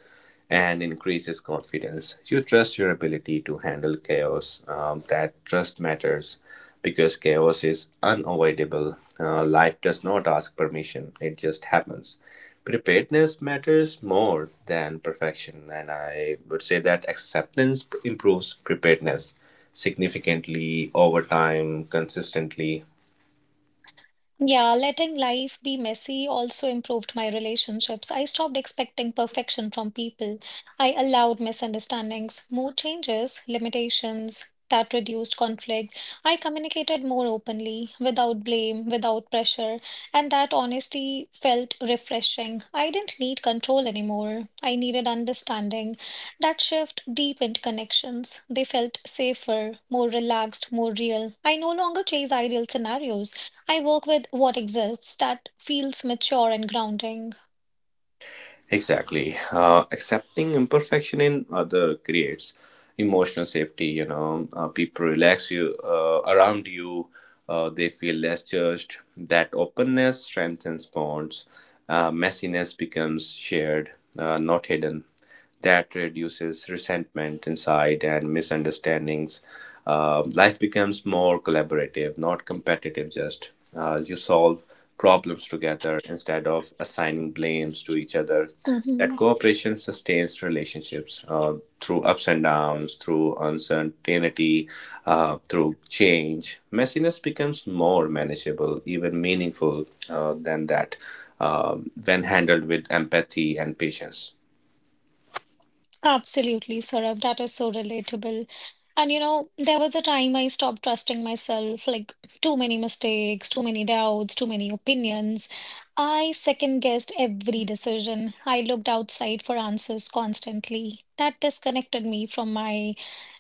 [SPEAKER 2] and increases confidence. You trust your ability to handle chaos. That trust matters because chaos is unavoidable. Life does not ask permission, it just happens. Preparedness matters more than perfection, and I would say that acceptance improves preparedness significantly over time, consistently.
[SPEAKER 1] Yeah, letting life be messy also improved my relationships. I stopped expecting perfection from people. I allowed misunderstandings, mood changes, limitations. That reduced conflict. I communicated more openly, without blame, without pressure, and that honesty felt refreshing. I didn't need control anymore. I needed understanding. That shift deepened connections. They felt safer, more relaxed, more real. I no longer chase ideal scenarios. I work with what exists. That feels mature and grounding.
[SPEAKER 2] Exactly. Accepting imperfection in other creates emotional safety. People relax you around you. They feel less judged. That openness strengthens bonds. Messiness becomes shared, not hidden that reduces resentment inside and misunderstandings. Life becomes more collaborative, not competitive, just. You solve problems together instead of assigning blames to each other. That
[SPEAKER 1] Mhm.
[SPEAKER 2] cooperation sustains relationships through ups and downs, through uncertainty, through change. Messiness becomes more manageable, even meaningful than that, when handled with empathy and patience.
[SPEAKER 1] Absolutely, Saurabh. That is so relatable. And you know, there was a time I stopped trusting myself, like too many mistakes, too many doubts, too many opinions. I second guessed every decision. I looked outside for answers constantly. That disconnected me from my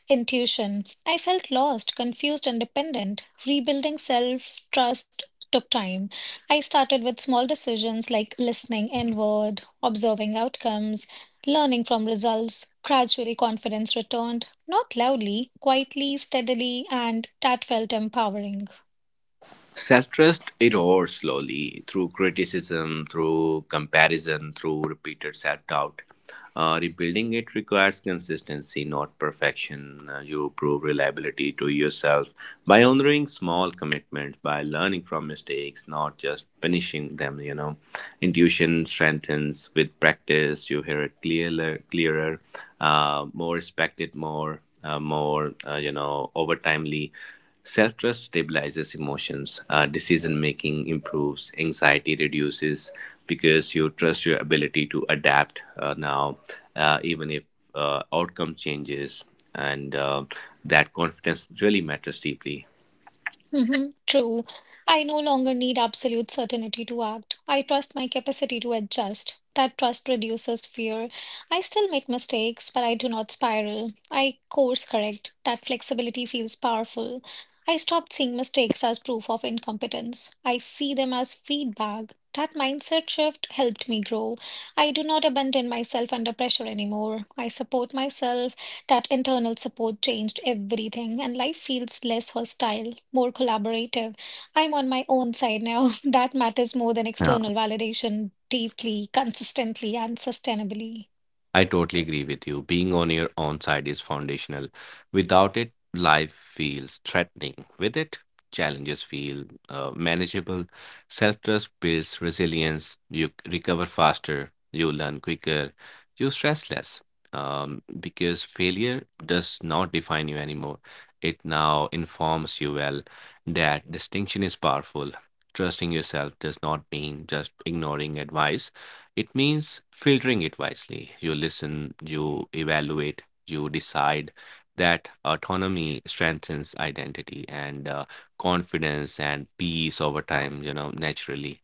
[SPEAKER 1] intuition. I felt lost, confused, and dependent. Rebuilding self trust took time. I started with small decisions like listening inward, observing outcomes, learning from results. Gradually confidence returned, not loudly, quietly, steadily, and that felt empowering.
[SPEAKER 2] Self trust erodes slowly through criticism, through comparison, through repeated self doubt. Rebuilding it requires consistency, not perfection. You prove reliability to yourself by honoring small commitments, by learning from mistakes, not just punishing them. Intuition strengthens with practice. You hear it clearer, more respected, more over timely. Self trust stabilizes emotions, decision making improves, anxiety reduces because you trust your ability to adapt now, even if outcome changes, and that confidence really matters deeply.
[SPEAKER 1] Hmm. True. I no longer need absolute certainty to act. I trust my capacity to adjust. That trust reduces fear. I still make mistakes, but I do not spiral. I course correct. That flexibility feels powerful. I stopped seeing mistakes as proof of incompetence. I see them as feedback. That mindset shift helped me grow. I do not abandon myself under pressure anymore. I support myself. That internal support changed everything, and life feels less hostile, more collaborative. I'm on my own side now. That matters more than external validation, deeply, consistently, and sustainably.
[SPEAKER 2] I totally agree with you. Being on your own side is foundational. Without it, life feels threatening. With it, challenges feel manageable. Self trust builds resilience. Recover faster. You learn quicker. You stress less. Because failure does not define you anymore. It now informs you well that distinction is powerful. Trusting yourself does not mean just ignoring advice it means filtering it wisely. You listen, you evaluate, you decide. That autonomy strengthens identity and confidence and peace over time, naturally.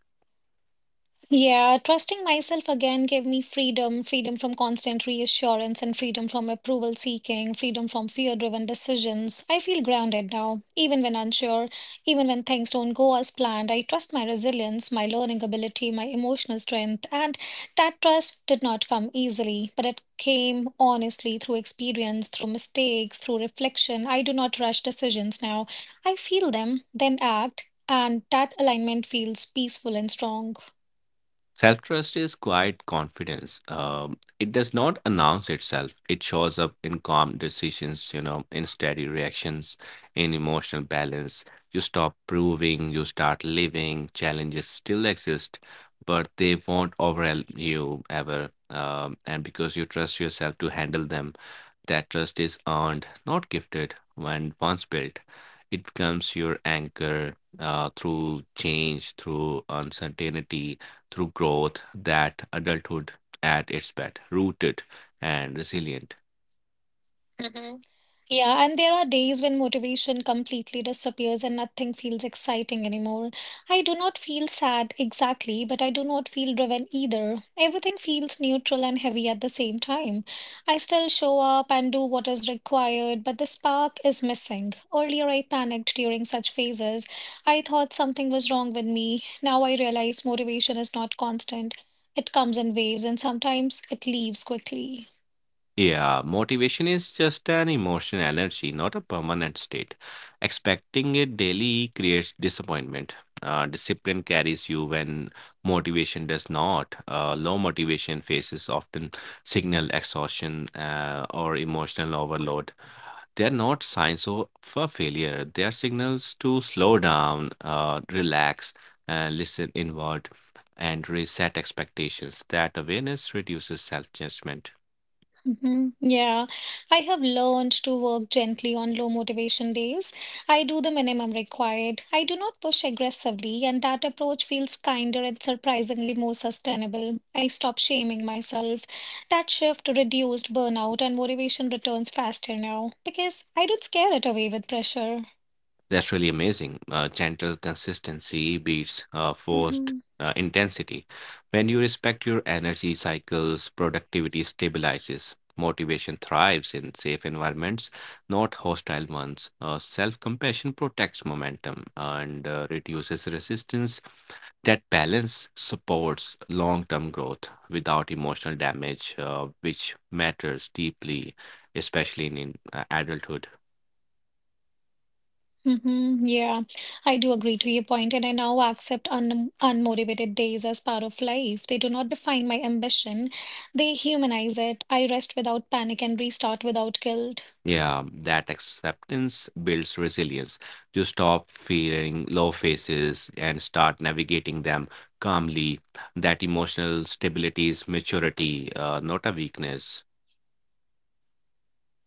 [SPEAKER 1] Yeah, trusting myself again gave me freedom, freedom from constant reassurance, and freedom from approval seeking, freedom from fear-driven decisions. I feel grounded now, even when unsure, even when things don't go as planned. I trust my resilience, my learning ability, my emotional strength, and that trust did not come easily, but it came honestly through experience, through mistakes, through reflection. I do not rush decisions now. I feel them, then act, and that alignment feels peaceful and strong.
[SPEAKER 2] Self trust is quiet confidence. It does not announce itself. It shows up in calm decisions, in steady reactions, in emotional balance. You stop proving, you start living. Challenges still exist, but they won't overwhelm you ever. And because you trust yourself to handle them, that trust is earned, not gifted. When once built, it becomes your anchor through change, through uncertainty, through growth. That adulthood at its best, rooted and resilient.
[SPEAKER 1] Hmm. Yeah, and there are days when motivation completely disappears and nothing feels exciting anymore. I do not feel sad exactly, but I do not feel driven either. Everything feels neutral and heavy at the same time. I still show up and do what is required, but the spark is missing. Earlier, I panicked during such phases. I thought something was wrong with me. Now I realize motivation is not constant. It comes in waves, and sometimes it leaves quickly.
[SPEAKER 2] Yeah, motivation is just an emotional energy, not a permanent state. Expecting it daily creates disappointment. Discipline carries you when motivation does not. Low motivation phases often signal exhaustion or emotional overload. They're not signs of a failure, they are signals to slow down, relax, listen inward, and reset expectations. That awareness reduces self judgment.
[SPEAKER 1] Hmm. Yeah, I have learned to work gently on low motivation days. I do the minimum required. I do not push aggressively, and that approach feels kinder and surprisingly more sustainable. I stop shaming myself. That shift reduced burnout, and motivation returns faster now because I don't scare it away with pressure.
[SPEAKER 2] That's really amazing. Gentle consistency beats forced
[SPEAKER 1] Mm-hmm.
[SPEAKER 2] intensity. When you respect your energy cycles, productivity stabilizes. Motivation thrives in safe environments, not hostile ones. Self compassion protects momentum and reduces resistance. That balance supports long term growth without emotional damage, which matters deeply, especially in adulthood.
[SPEAKER 1] Mm-hmm. Yeah, I do agree to your point, and I now accept un unmotivated days as part of life. They do not define my ambition, they humanize it. I rest without panic and restart without guilt.
[SPEAKER 2] Yeah, that acceptance builds resilience. You stop fearing low phases and start navigating them calmly. That emotional stability is maturity, not a weakness.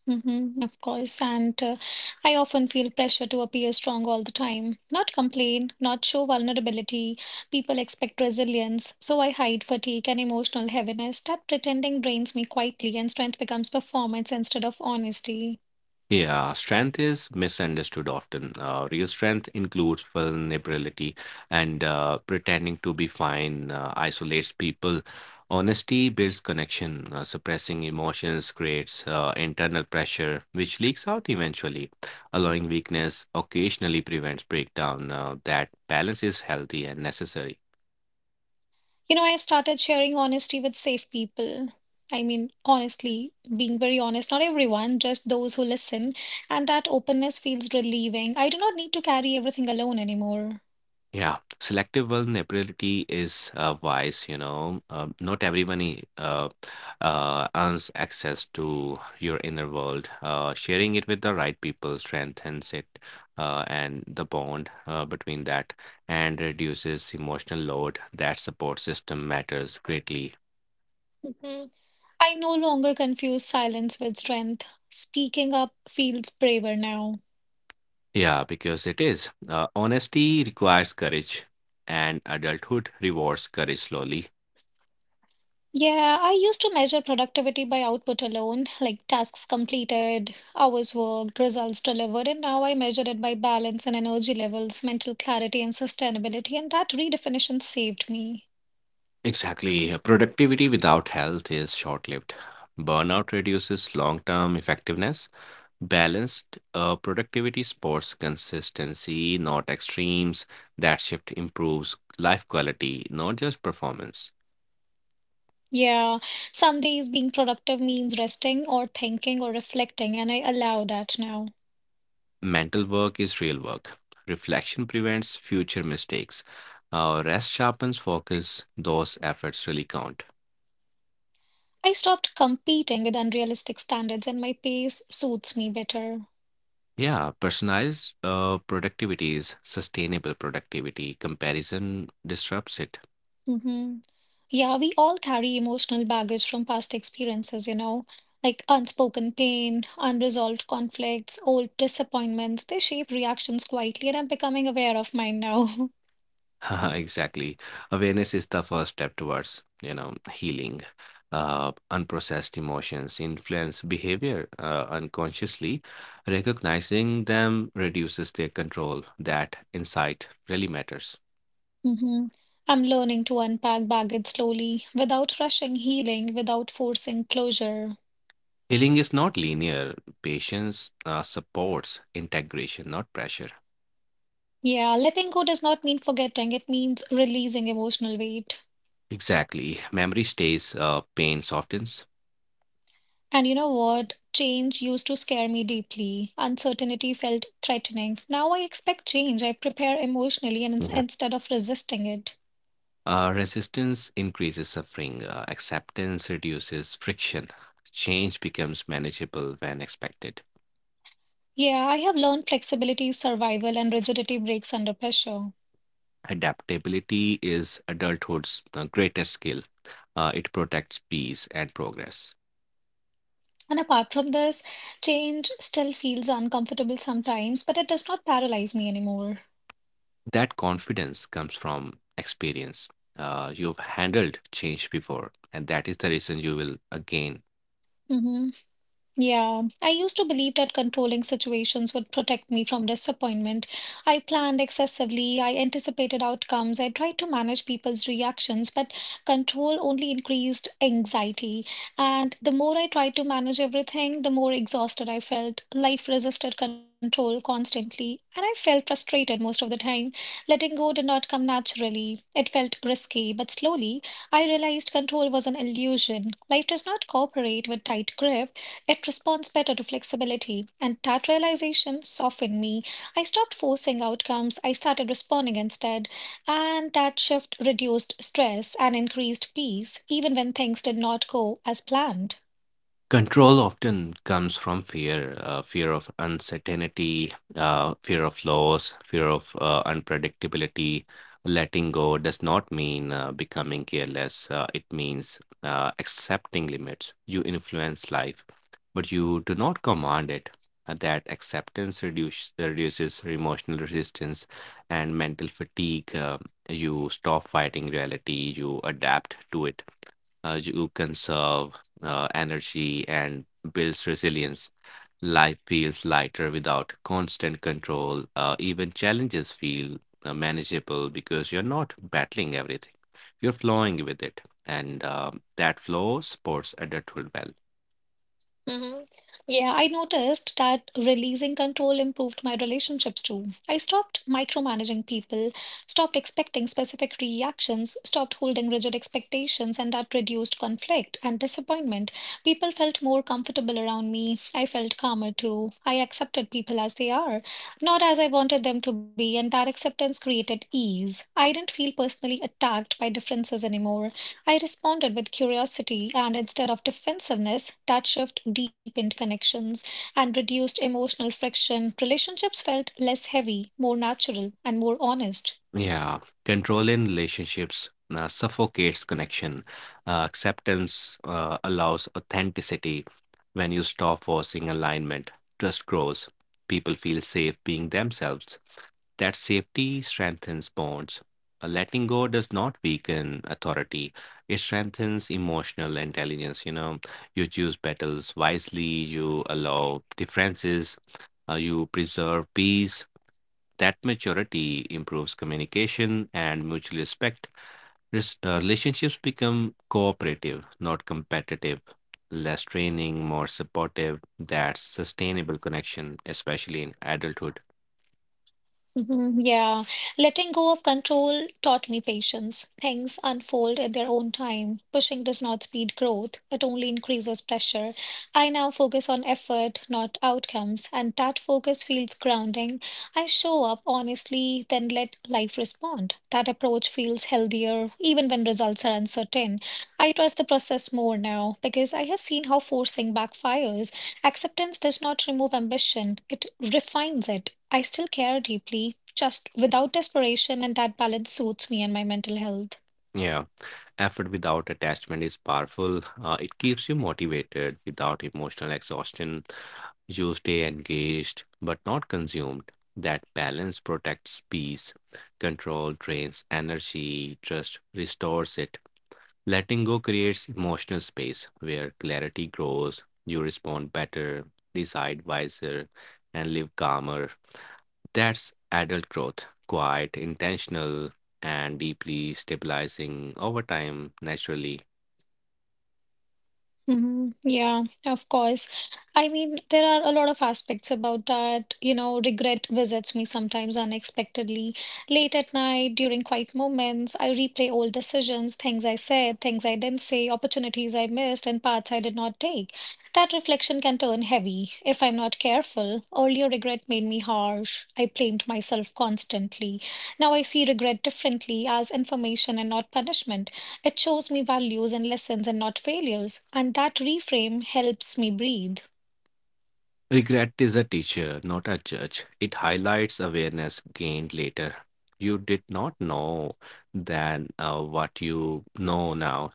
[SPEAKER 1] Mm-hmm, of course. And I often feel pressure to appear strong all the time, not complain, not show vulnerability. People expect resilience, so I hide fatigue and emotional heaviness. That pretending drains me quietly, and strength becomes performance instead of honesty.
[SPEAKER 2] Yeah, strength is misunderstood often. Real strength includes vulnerability and pretending to be fine isolates people. Honesty builds connection. Suppressing emotions creates internal pressure, which leaks out eventually. Allowing weakness occasionally prevents breakdown. That balance is healthy and necessary.
[SPEAKER 1] You know, I've started sharing honesty with safe people. Honestly, being very honest, not everyone, just those who listen, and that openness feels relieving. I do not need to carry everything alone anymore.
[SPEAKER 2] Yeah, selective vulnerability is wise, Not everyone earns access to your inner world. Sharing it with the right people strengthens it and the bond between that and reduces emotional load. That support system matters greatly.
[SPEAKER 1] Mhm. I no longer confuse silence with strength. Speaking up feels braver now.
[SPEAKER 2] Yeah, because it is. Honesty requires courage, and adulthood rewards courage slowly.
[SPEAKER 1] Yeah, I used to measure productivity by output alone, like tasks completed, hours worked, results delivered, and now I measure it by balance and energy levels, mental clarity, and sustainability, and that redefinition saved me.
[SPEAKER 2] Exactly. Productivity without health is short lived. Burnout reduces long term effectiveness. Balanced productivity supports consistency, not extremes. That shift improves life quality, not just performance.
[SPEAKER 1] Yeah, some days being productive means resting or thinking or reflecting, and I allow that now.
[SPEAKER 2] Mental work is real work. Reflection prevents future mistakes. Rest sharpens focus. Those efforts really count.
[SPEAKER 1] I stopped competing with unrealistic standards, and my pace suits me better.
[SPEAKER 2] Yeah, personalized productivity is sustainable productivity. Comparison disrupts it.
[SPEAKER 1] Mm-hmm. Yeah, we all carry emotional baggage from past experiences, you know, like unspoken pain, unresolved conflicts, old disappointments. They shape reactions quietly, and I'm becoming aware of mine now.
[SPEAKER 2] Exactly. Awareness is the first step towards, healing. Unprocessed emotions influence behavior unconsciously. Recognizing them reduces their control. That insight really matters.
[SPEAKER 1] Hmm. I'm learning to unpack baggage slowly, without rushing healing, without forcing closure.
[SPEAKER 2] Healing is not linear. Patience supports integration, not pressure.
[SPEAKER 1] Yeah, letting go does not mean forgetting, it means releasing emotional weight.
[SPEAKER 2] Exactly. Memory stays, pain softens.
[SPEAKER 1] And you know what? Change used to scare me deeply. Uncertainty felt threatening. Now I expect change. I prepare emotionally and instead of resisting it.
[SPEAKER 2] Resistance increases suffering, acceptance reduces friction, change becomes manageable when expected.
[SPEAKER 1] Yeah, I have learned flexibility, survival, and rigidity breaks under pressure.
[SPEAKER 2] Adaptability is adulthood's greatest skill. It protects peace and progress.
[SPEAKER 1] And apart from this, change still feels uncomfortable sometimes, but it does not paralyze me anymore.
[SPEAKER 2] That confidence comes from experience. You've handled change before, and that is the reason you will again.
[SPEAKER 1] Mm-hmm. Yeah, I used to believe that controlling situations would protect me from disappointment. I planned excessively, I anticipated outcomes, I tried to manage people's reactions, but control only increased anxiety. And the more I tried to manage everything, the more exhausted I felt. Life resisted control constantly, and I felt frustrated most of the time. Letting go did not come naturally. It felt risky, but slowly I realized control was an illusion. Life does not cooperate with tight grip. It responds better to flexibility. And that realization softened me. I stopped forcing outcomes, I started responding instead. And that shift reduced stress and increased peace, even when things did not go as planned.
[SPEAKER 2] Control often comes from fear, fear of uncertainty, fear of loss, fear of unpredictability. Letting go does not mean becoming careless. It means accepting limits. You influence life, but you do not command it. That acceptance reduces emotional resistance and mental fatigue. You stop fighting reality, you adapt to it you conserve energy and builds resilience. Life feels lighter without constant control. Even challenges feel manageable because you're not battling everything. You're flowing with it, and that flow supports adulthood well.
[SPEAKER 1] Hmm. Yeah, I noticed that releasing control improved my relationships too. I stopped micromanaging people, stopped expecting specific reactions, stopped holding rigid expectations, and that reduced conflict and disappointment. People felt more comfortable around me. I felt calmer too. I accepted people as they are, not as I wanted them to be, and that acceptance created ease. I didn't feel personally attacked by differences anymore. I responded with curiosity and instead of defensiveness, shift deepened connections and reduced emotional friction. Relationships felt less heavy, more natural, and more honest.
[SPEAKER 2] Yeah, control in relationships suffocates connection. Acceptance allows authenticity. When you stop forcing alignment, trust grows. People feel safe being themselves. That safety strengthens bonds. Letting go does not weaken authority, it strengthens emotional intelligence. You choose battles wisely, you allow differences, you preserve peace that maturity improves communication and mutual respect. Relationships become cooperative, not competitive. Less training, more supportive. That's sustainable connection, especially in adulthood.
[SPEAKER 1] Mhm. Yeah, letting go of control taught me patience. Things unfold at their own time. Pushing does not speed growth, it only increases pressure. I now focus on effort, not outcomes, and that focus feels grounding. I show up honestly, then let life respond. That approach feels healthier, even when results are uncertain. I trust the process more now because I have seen how forcing backfires. Acceptance does not remove ambition, it refines it. I still care deeply, just without desperation, and that balance suits me and my mental health.
[SPEAKER 2] Yeah, effort without attachment is powerful. It keeps you motivated without emotional exhaustion. You stay engaged but not consumed. That balance protects peace. Control drains energy, trust restores it. Letting go creates emotional space where clarity grows, you respond better, decide wiser, and live calmer. That's adult growth, quiet, intentional, and deeply stabilizing over time naturally.
[SPEAKER 1] Mhm. Yeah, of course. I mean, there are a lot of aspects about that. You know, regret visits me sometimes unexpectedly. Late at night, during quiet moments, I replay old decisions, things I said, things I didn't say, opportunities I missed, and paths I did not take. That reflection can turn heavy if I'm not careful. Earlier regret made me harsh. I blamed myself constantly. Now I see regret differently as information and not punishment. It shows me values and lessons and not failures, and that reframe helps me breathe.
[SPEAKER 2] Regret is a teacher, not a judge. It highlights awareness gained later. You did not know then what you know now.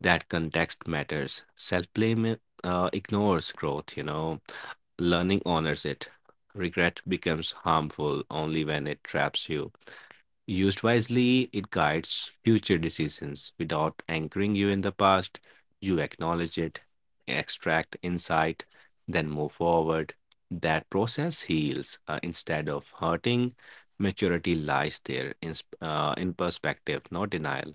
[SPEAKER 2] That context matters. Self blame ignores growth, Learning honors it. Regret becomes harmful only when it traps you. Used wisely, it guides future decisions without anchoring you in the past. You acknowledge it, extract insight, then move forward. That process heals instead of hurting. Maturity lies there in, in perspective, not denial.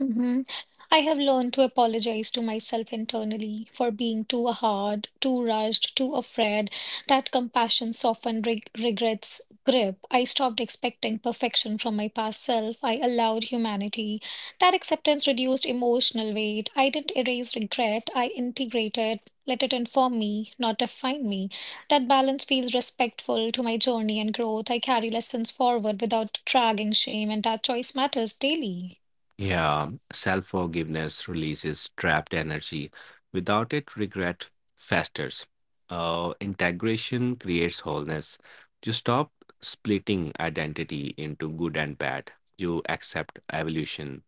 [SPEAKER 1] Hmm. I have learned to apologize to myself internally for being too hard, too rushed, too afraid. That compassion softened regret's grip. I stopped expecting perfection from my past self. I allowed humanity. That acceptance reduced emotional weight. I didn't erase regret. I integrated, let it inform me, not define me. That balance feels respectful to my journey and growth. I carry lessons forward without dragging shame, and that choice matters daily.
[SPEAKER 2] Yeah, self forgiveness releases trapped energy. Without it, regret festers. Integration creates wholeness. You stop splitting identity into good and bad. You accept evolution.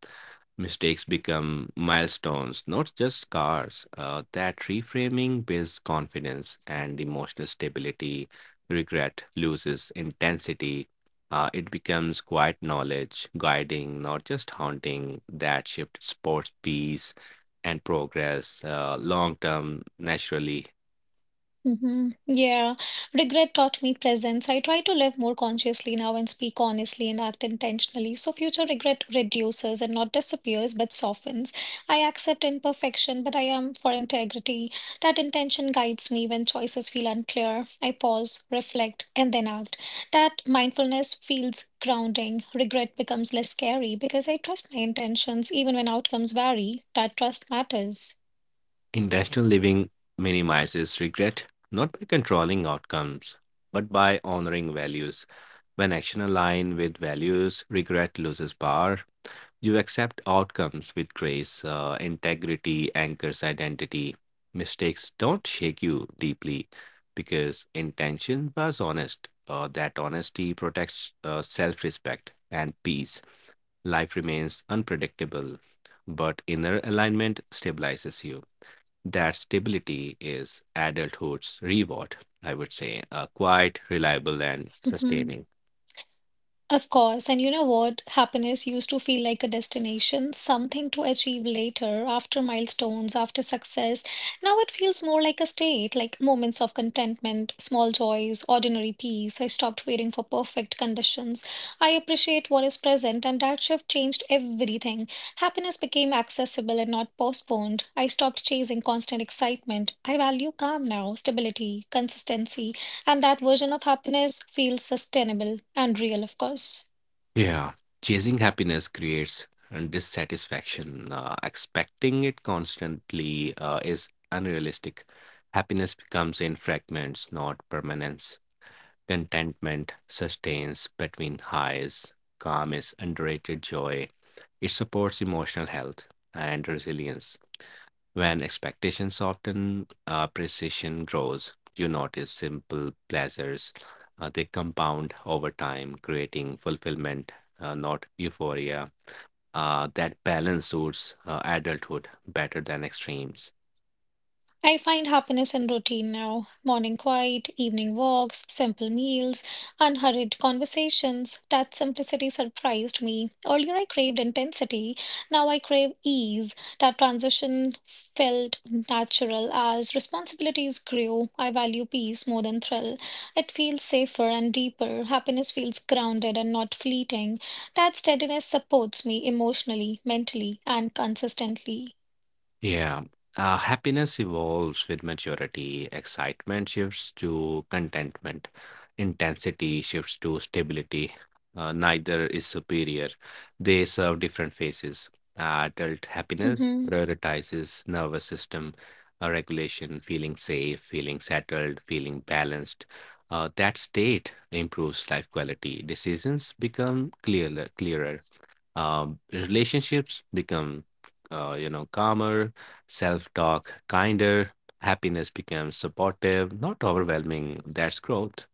[SPEAKER 2] Mistakes become milestones, not just scars. That reframing builds confidence and emotional stability. Regret loses intensity. It becomes quiet knowledge, guiding, not just haunting. That shift supports peace and progress long term naturally.
[SPEAKER 1] Hmm. Yeah. Regret taught me presence. I try to live more consciously now and speak honestly and act intentionally. So future regret reduces and not disappears, but softens. I accept imperfection, but I am for integrity. That intention guides me when choices feel unclear. I pause, reflect, and then act. That mindfulness feels grounding. Regret becomes less scary because I trust my intentions even when outcomes vary. That trust matters.
[SPEAKER 2] Intentional living minimizes regret, not by controlling outcomes, but by honoring values. When action aligns with values, regret loses power. You accept outcomes with grace. Integrity anchors identity. Mistakes don't shake you deeply because intention was honest. That honesty protects self respect and peace. Life remains unpredictable, but inner alignment stabilizes you. That stability is adulthood's reward, I would say, quite reliable and
[SPEAKER 1] Mm-hmm.
[SPEAKER 2] sustaining.
[SPEAKER 1] Of course, and you know what? Happiness used to feel like a destination, something to achieve later, after milestones, after success. Now it feels more like a state, like moments of contentment, small joys, ordinary peace. I stopped waiting for perfect conditions. I appreciate what is present, and that shift changed everything. Happiness became accessible and not postponed. I stopped chasing constant excitement. I value calm now, stability, consistency. And that version of happiness feels sustainable and real, of course.
[SPEAKER 2] Yeah, chasing happiness creates and dissatisfaction. Expecting it constantly is unrealistic. Happiness becomes in fragments, not permanence. Contentment sustains between highs. Calm is underrated joy. It supports emotional health and resilience. When expectations soften, appreciation grows. You notice simple pleasures, they compound over time, creating fulfillment, not euphoria. That balance suits adulthood better than extremes.
[SPEAKER 1] I find happiness in routine now. Morning quiet, evening walks, simple meals, unhurried conversations. That simplicity surprised me. Earlier, I craved intensity. Now, I crave ease. That transition felt natural as responsibilities grew. I value peace more than thrill. It feels safer and deeper. Happiness feels grounded and not fleeting. That steadiness supports me emotionally, mentally, and consistently.
[SPEAKER 2] Yeah. Happiness evolves with maturity. Excitement shifts to contentment. Intensity shifts to stability. Neither is superior. They serve different phases. Adult happiness
[SPEAKER 1] Hmm.
[SPEAKER 2] prioritizes nervous system regulation, feeling safe, feeling settled, feeling balanced. That state improves life quality. Decisions become clearer, relationships become calmer, self-talk kinder, happiness becomes supportive, not overwhelming. That's growth.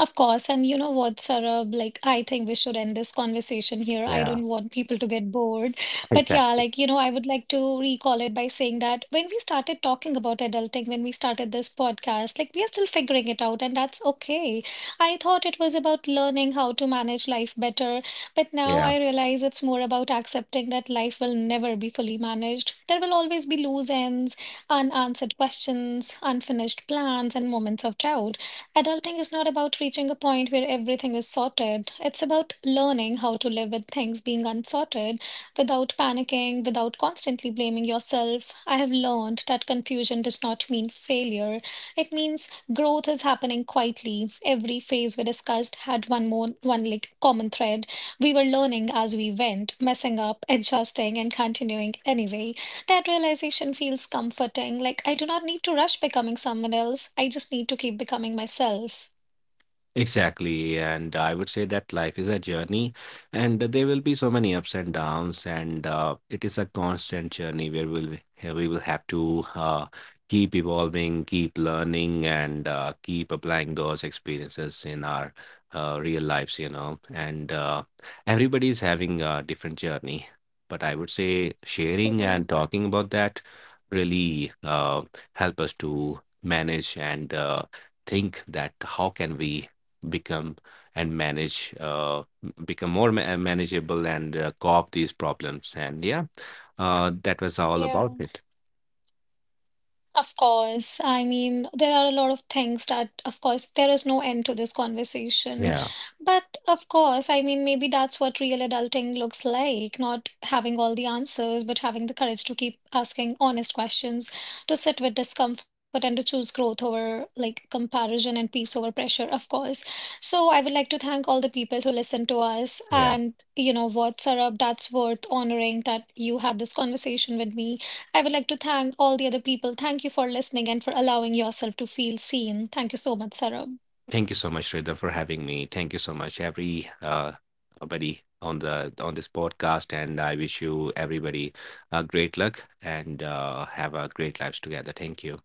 [SPEAKER 1] Of course, and you know what, Sarab, like I think we should end this conversation here. I
[SPEAKER 2] Yeah.
[SPEAKER 1] don't want people to get bored. But yeah,
[SPEAKER 2] Exactly.
[SPEAKER 1] like you know, I would like to recall it by saying that when we started talking about adulting, when we started this podcast, like we are still figuring it out, and that's okay. I thought it was about learning how to manage life better, but now
[SPEAKER 2] Yeah.
[SPEAKER 1] I realize it's more about accepting that life will never be fully managed. There will always be loose ends, unanswered questions, unfinished plans, and moments of doubt. Adulting is not about reaching a point where everything is sorted. It's about learning how to live with things being unsorted without panicking, without constantly blaming yourself. I have learned that confusion does not mean failure. It means growth is happening quietly. Every phase we discussed had one like common thread. We were learning as we went, messing up, adjusting, and continuing anyway. That realization feels comforting. Like, I do not need to rush becoming someone else. I just need to keep becoming myself.
[SPEAKER 2] Exactly. And I would say that life is a journey, and there will be so many ups and downs, and it is a constant journey where we will have to keep evolving, keep learning, and keep applying those experiences in our real lives, And Everybody is having a different journey. But I would say sharing
[SPEAKER 1] Mm-hmm.
[SPEAKER 2] and talking about that really help us to manage and think that how can we become and manage become manageable and co-op these problems, and yeah that was all
[SPEAKER 1] Yeah.
[SPEAKER 2] about it.
[SPEAKER 1] Of course, I mean, there are a lot of things that, of course, there is no end to this conversation.
[SPEAKER 2] Yeah.
[SPEAKER 1] But of course, I mean, maybe that's what real adulting looks like, not having all the answers, but having the courage to keep asking honest questions, to sit with discomfort and to choose growth over like comparison and peace over pressure, of course. So I would like to thank all the people who listened to us
[SPEAKER 2] Yeah,
[SPEAKER 1] and, you know what, Sarab, that's worth honoring that you had this conversation with me. I would like to thank all the other people. Thank you for listening and for allowing yourself to feel seen. Thank you so much, Sarab.
[SPEAKER 2] thank you so much, Rida, for having me. Thank you so much every buddy on the on this podcast, and I wish you everybody great luck and have a great lives together. Thank you.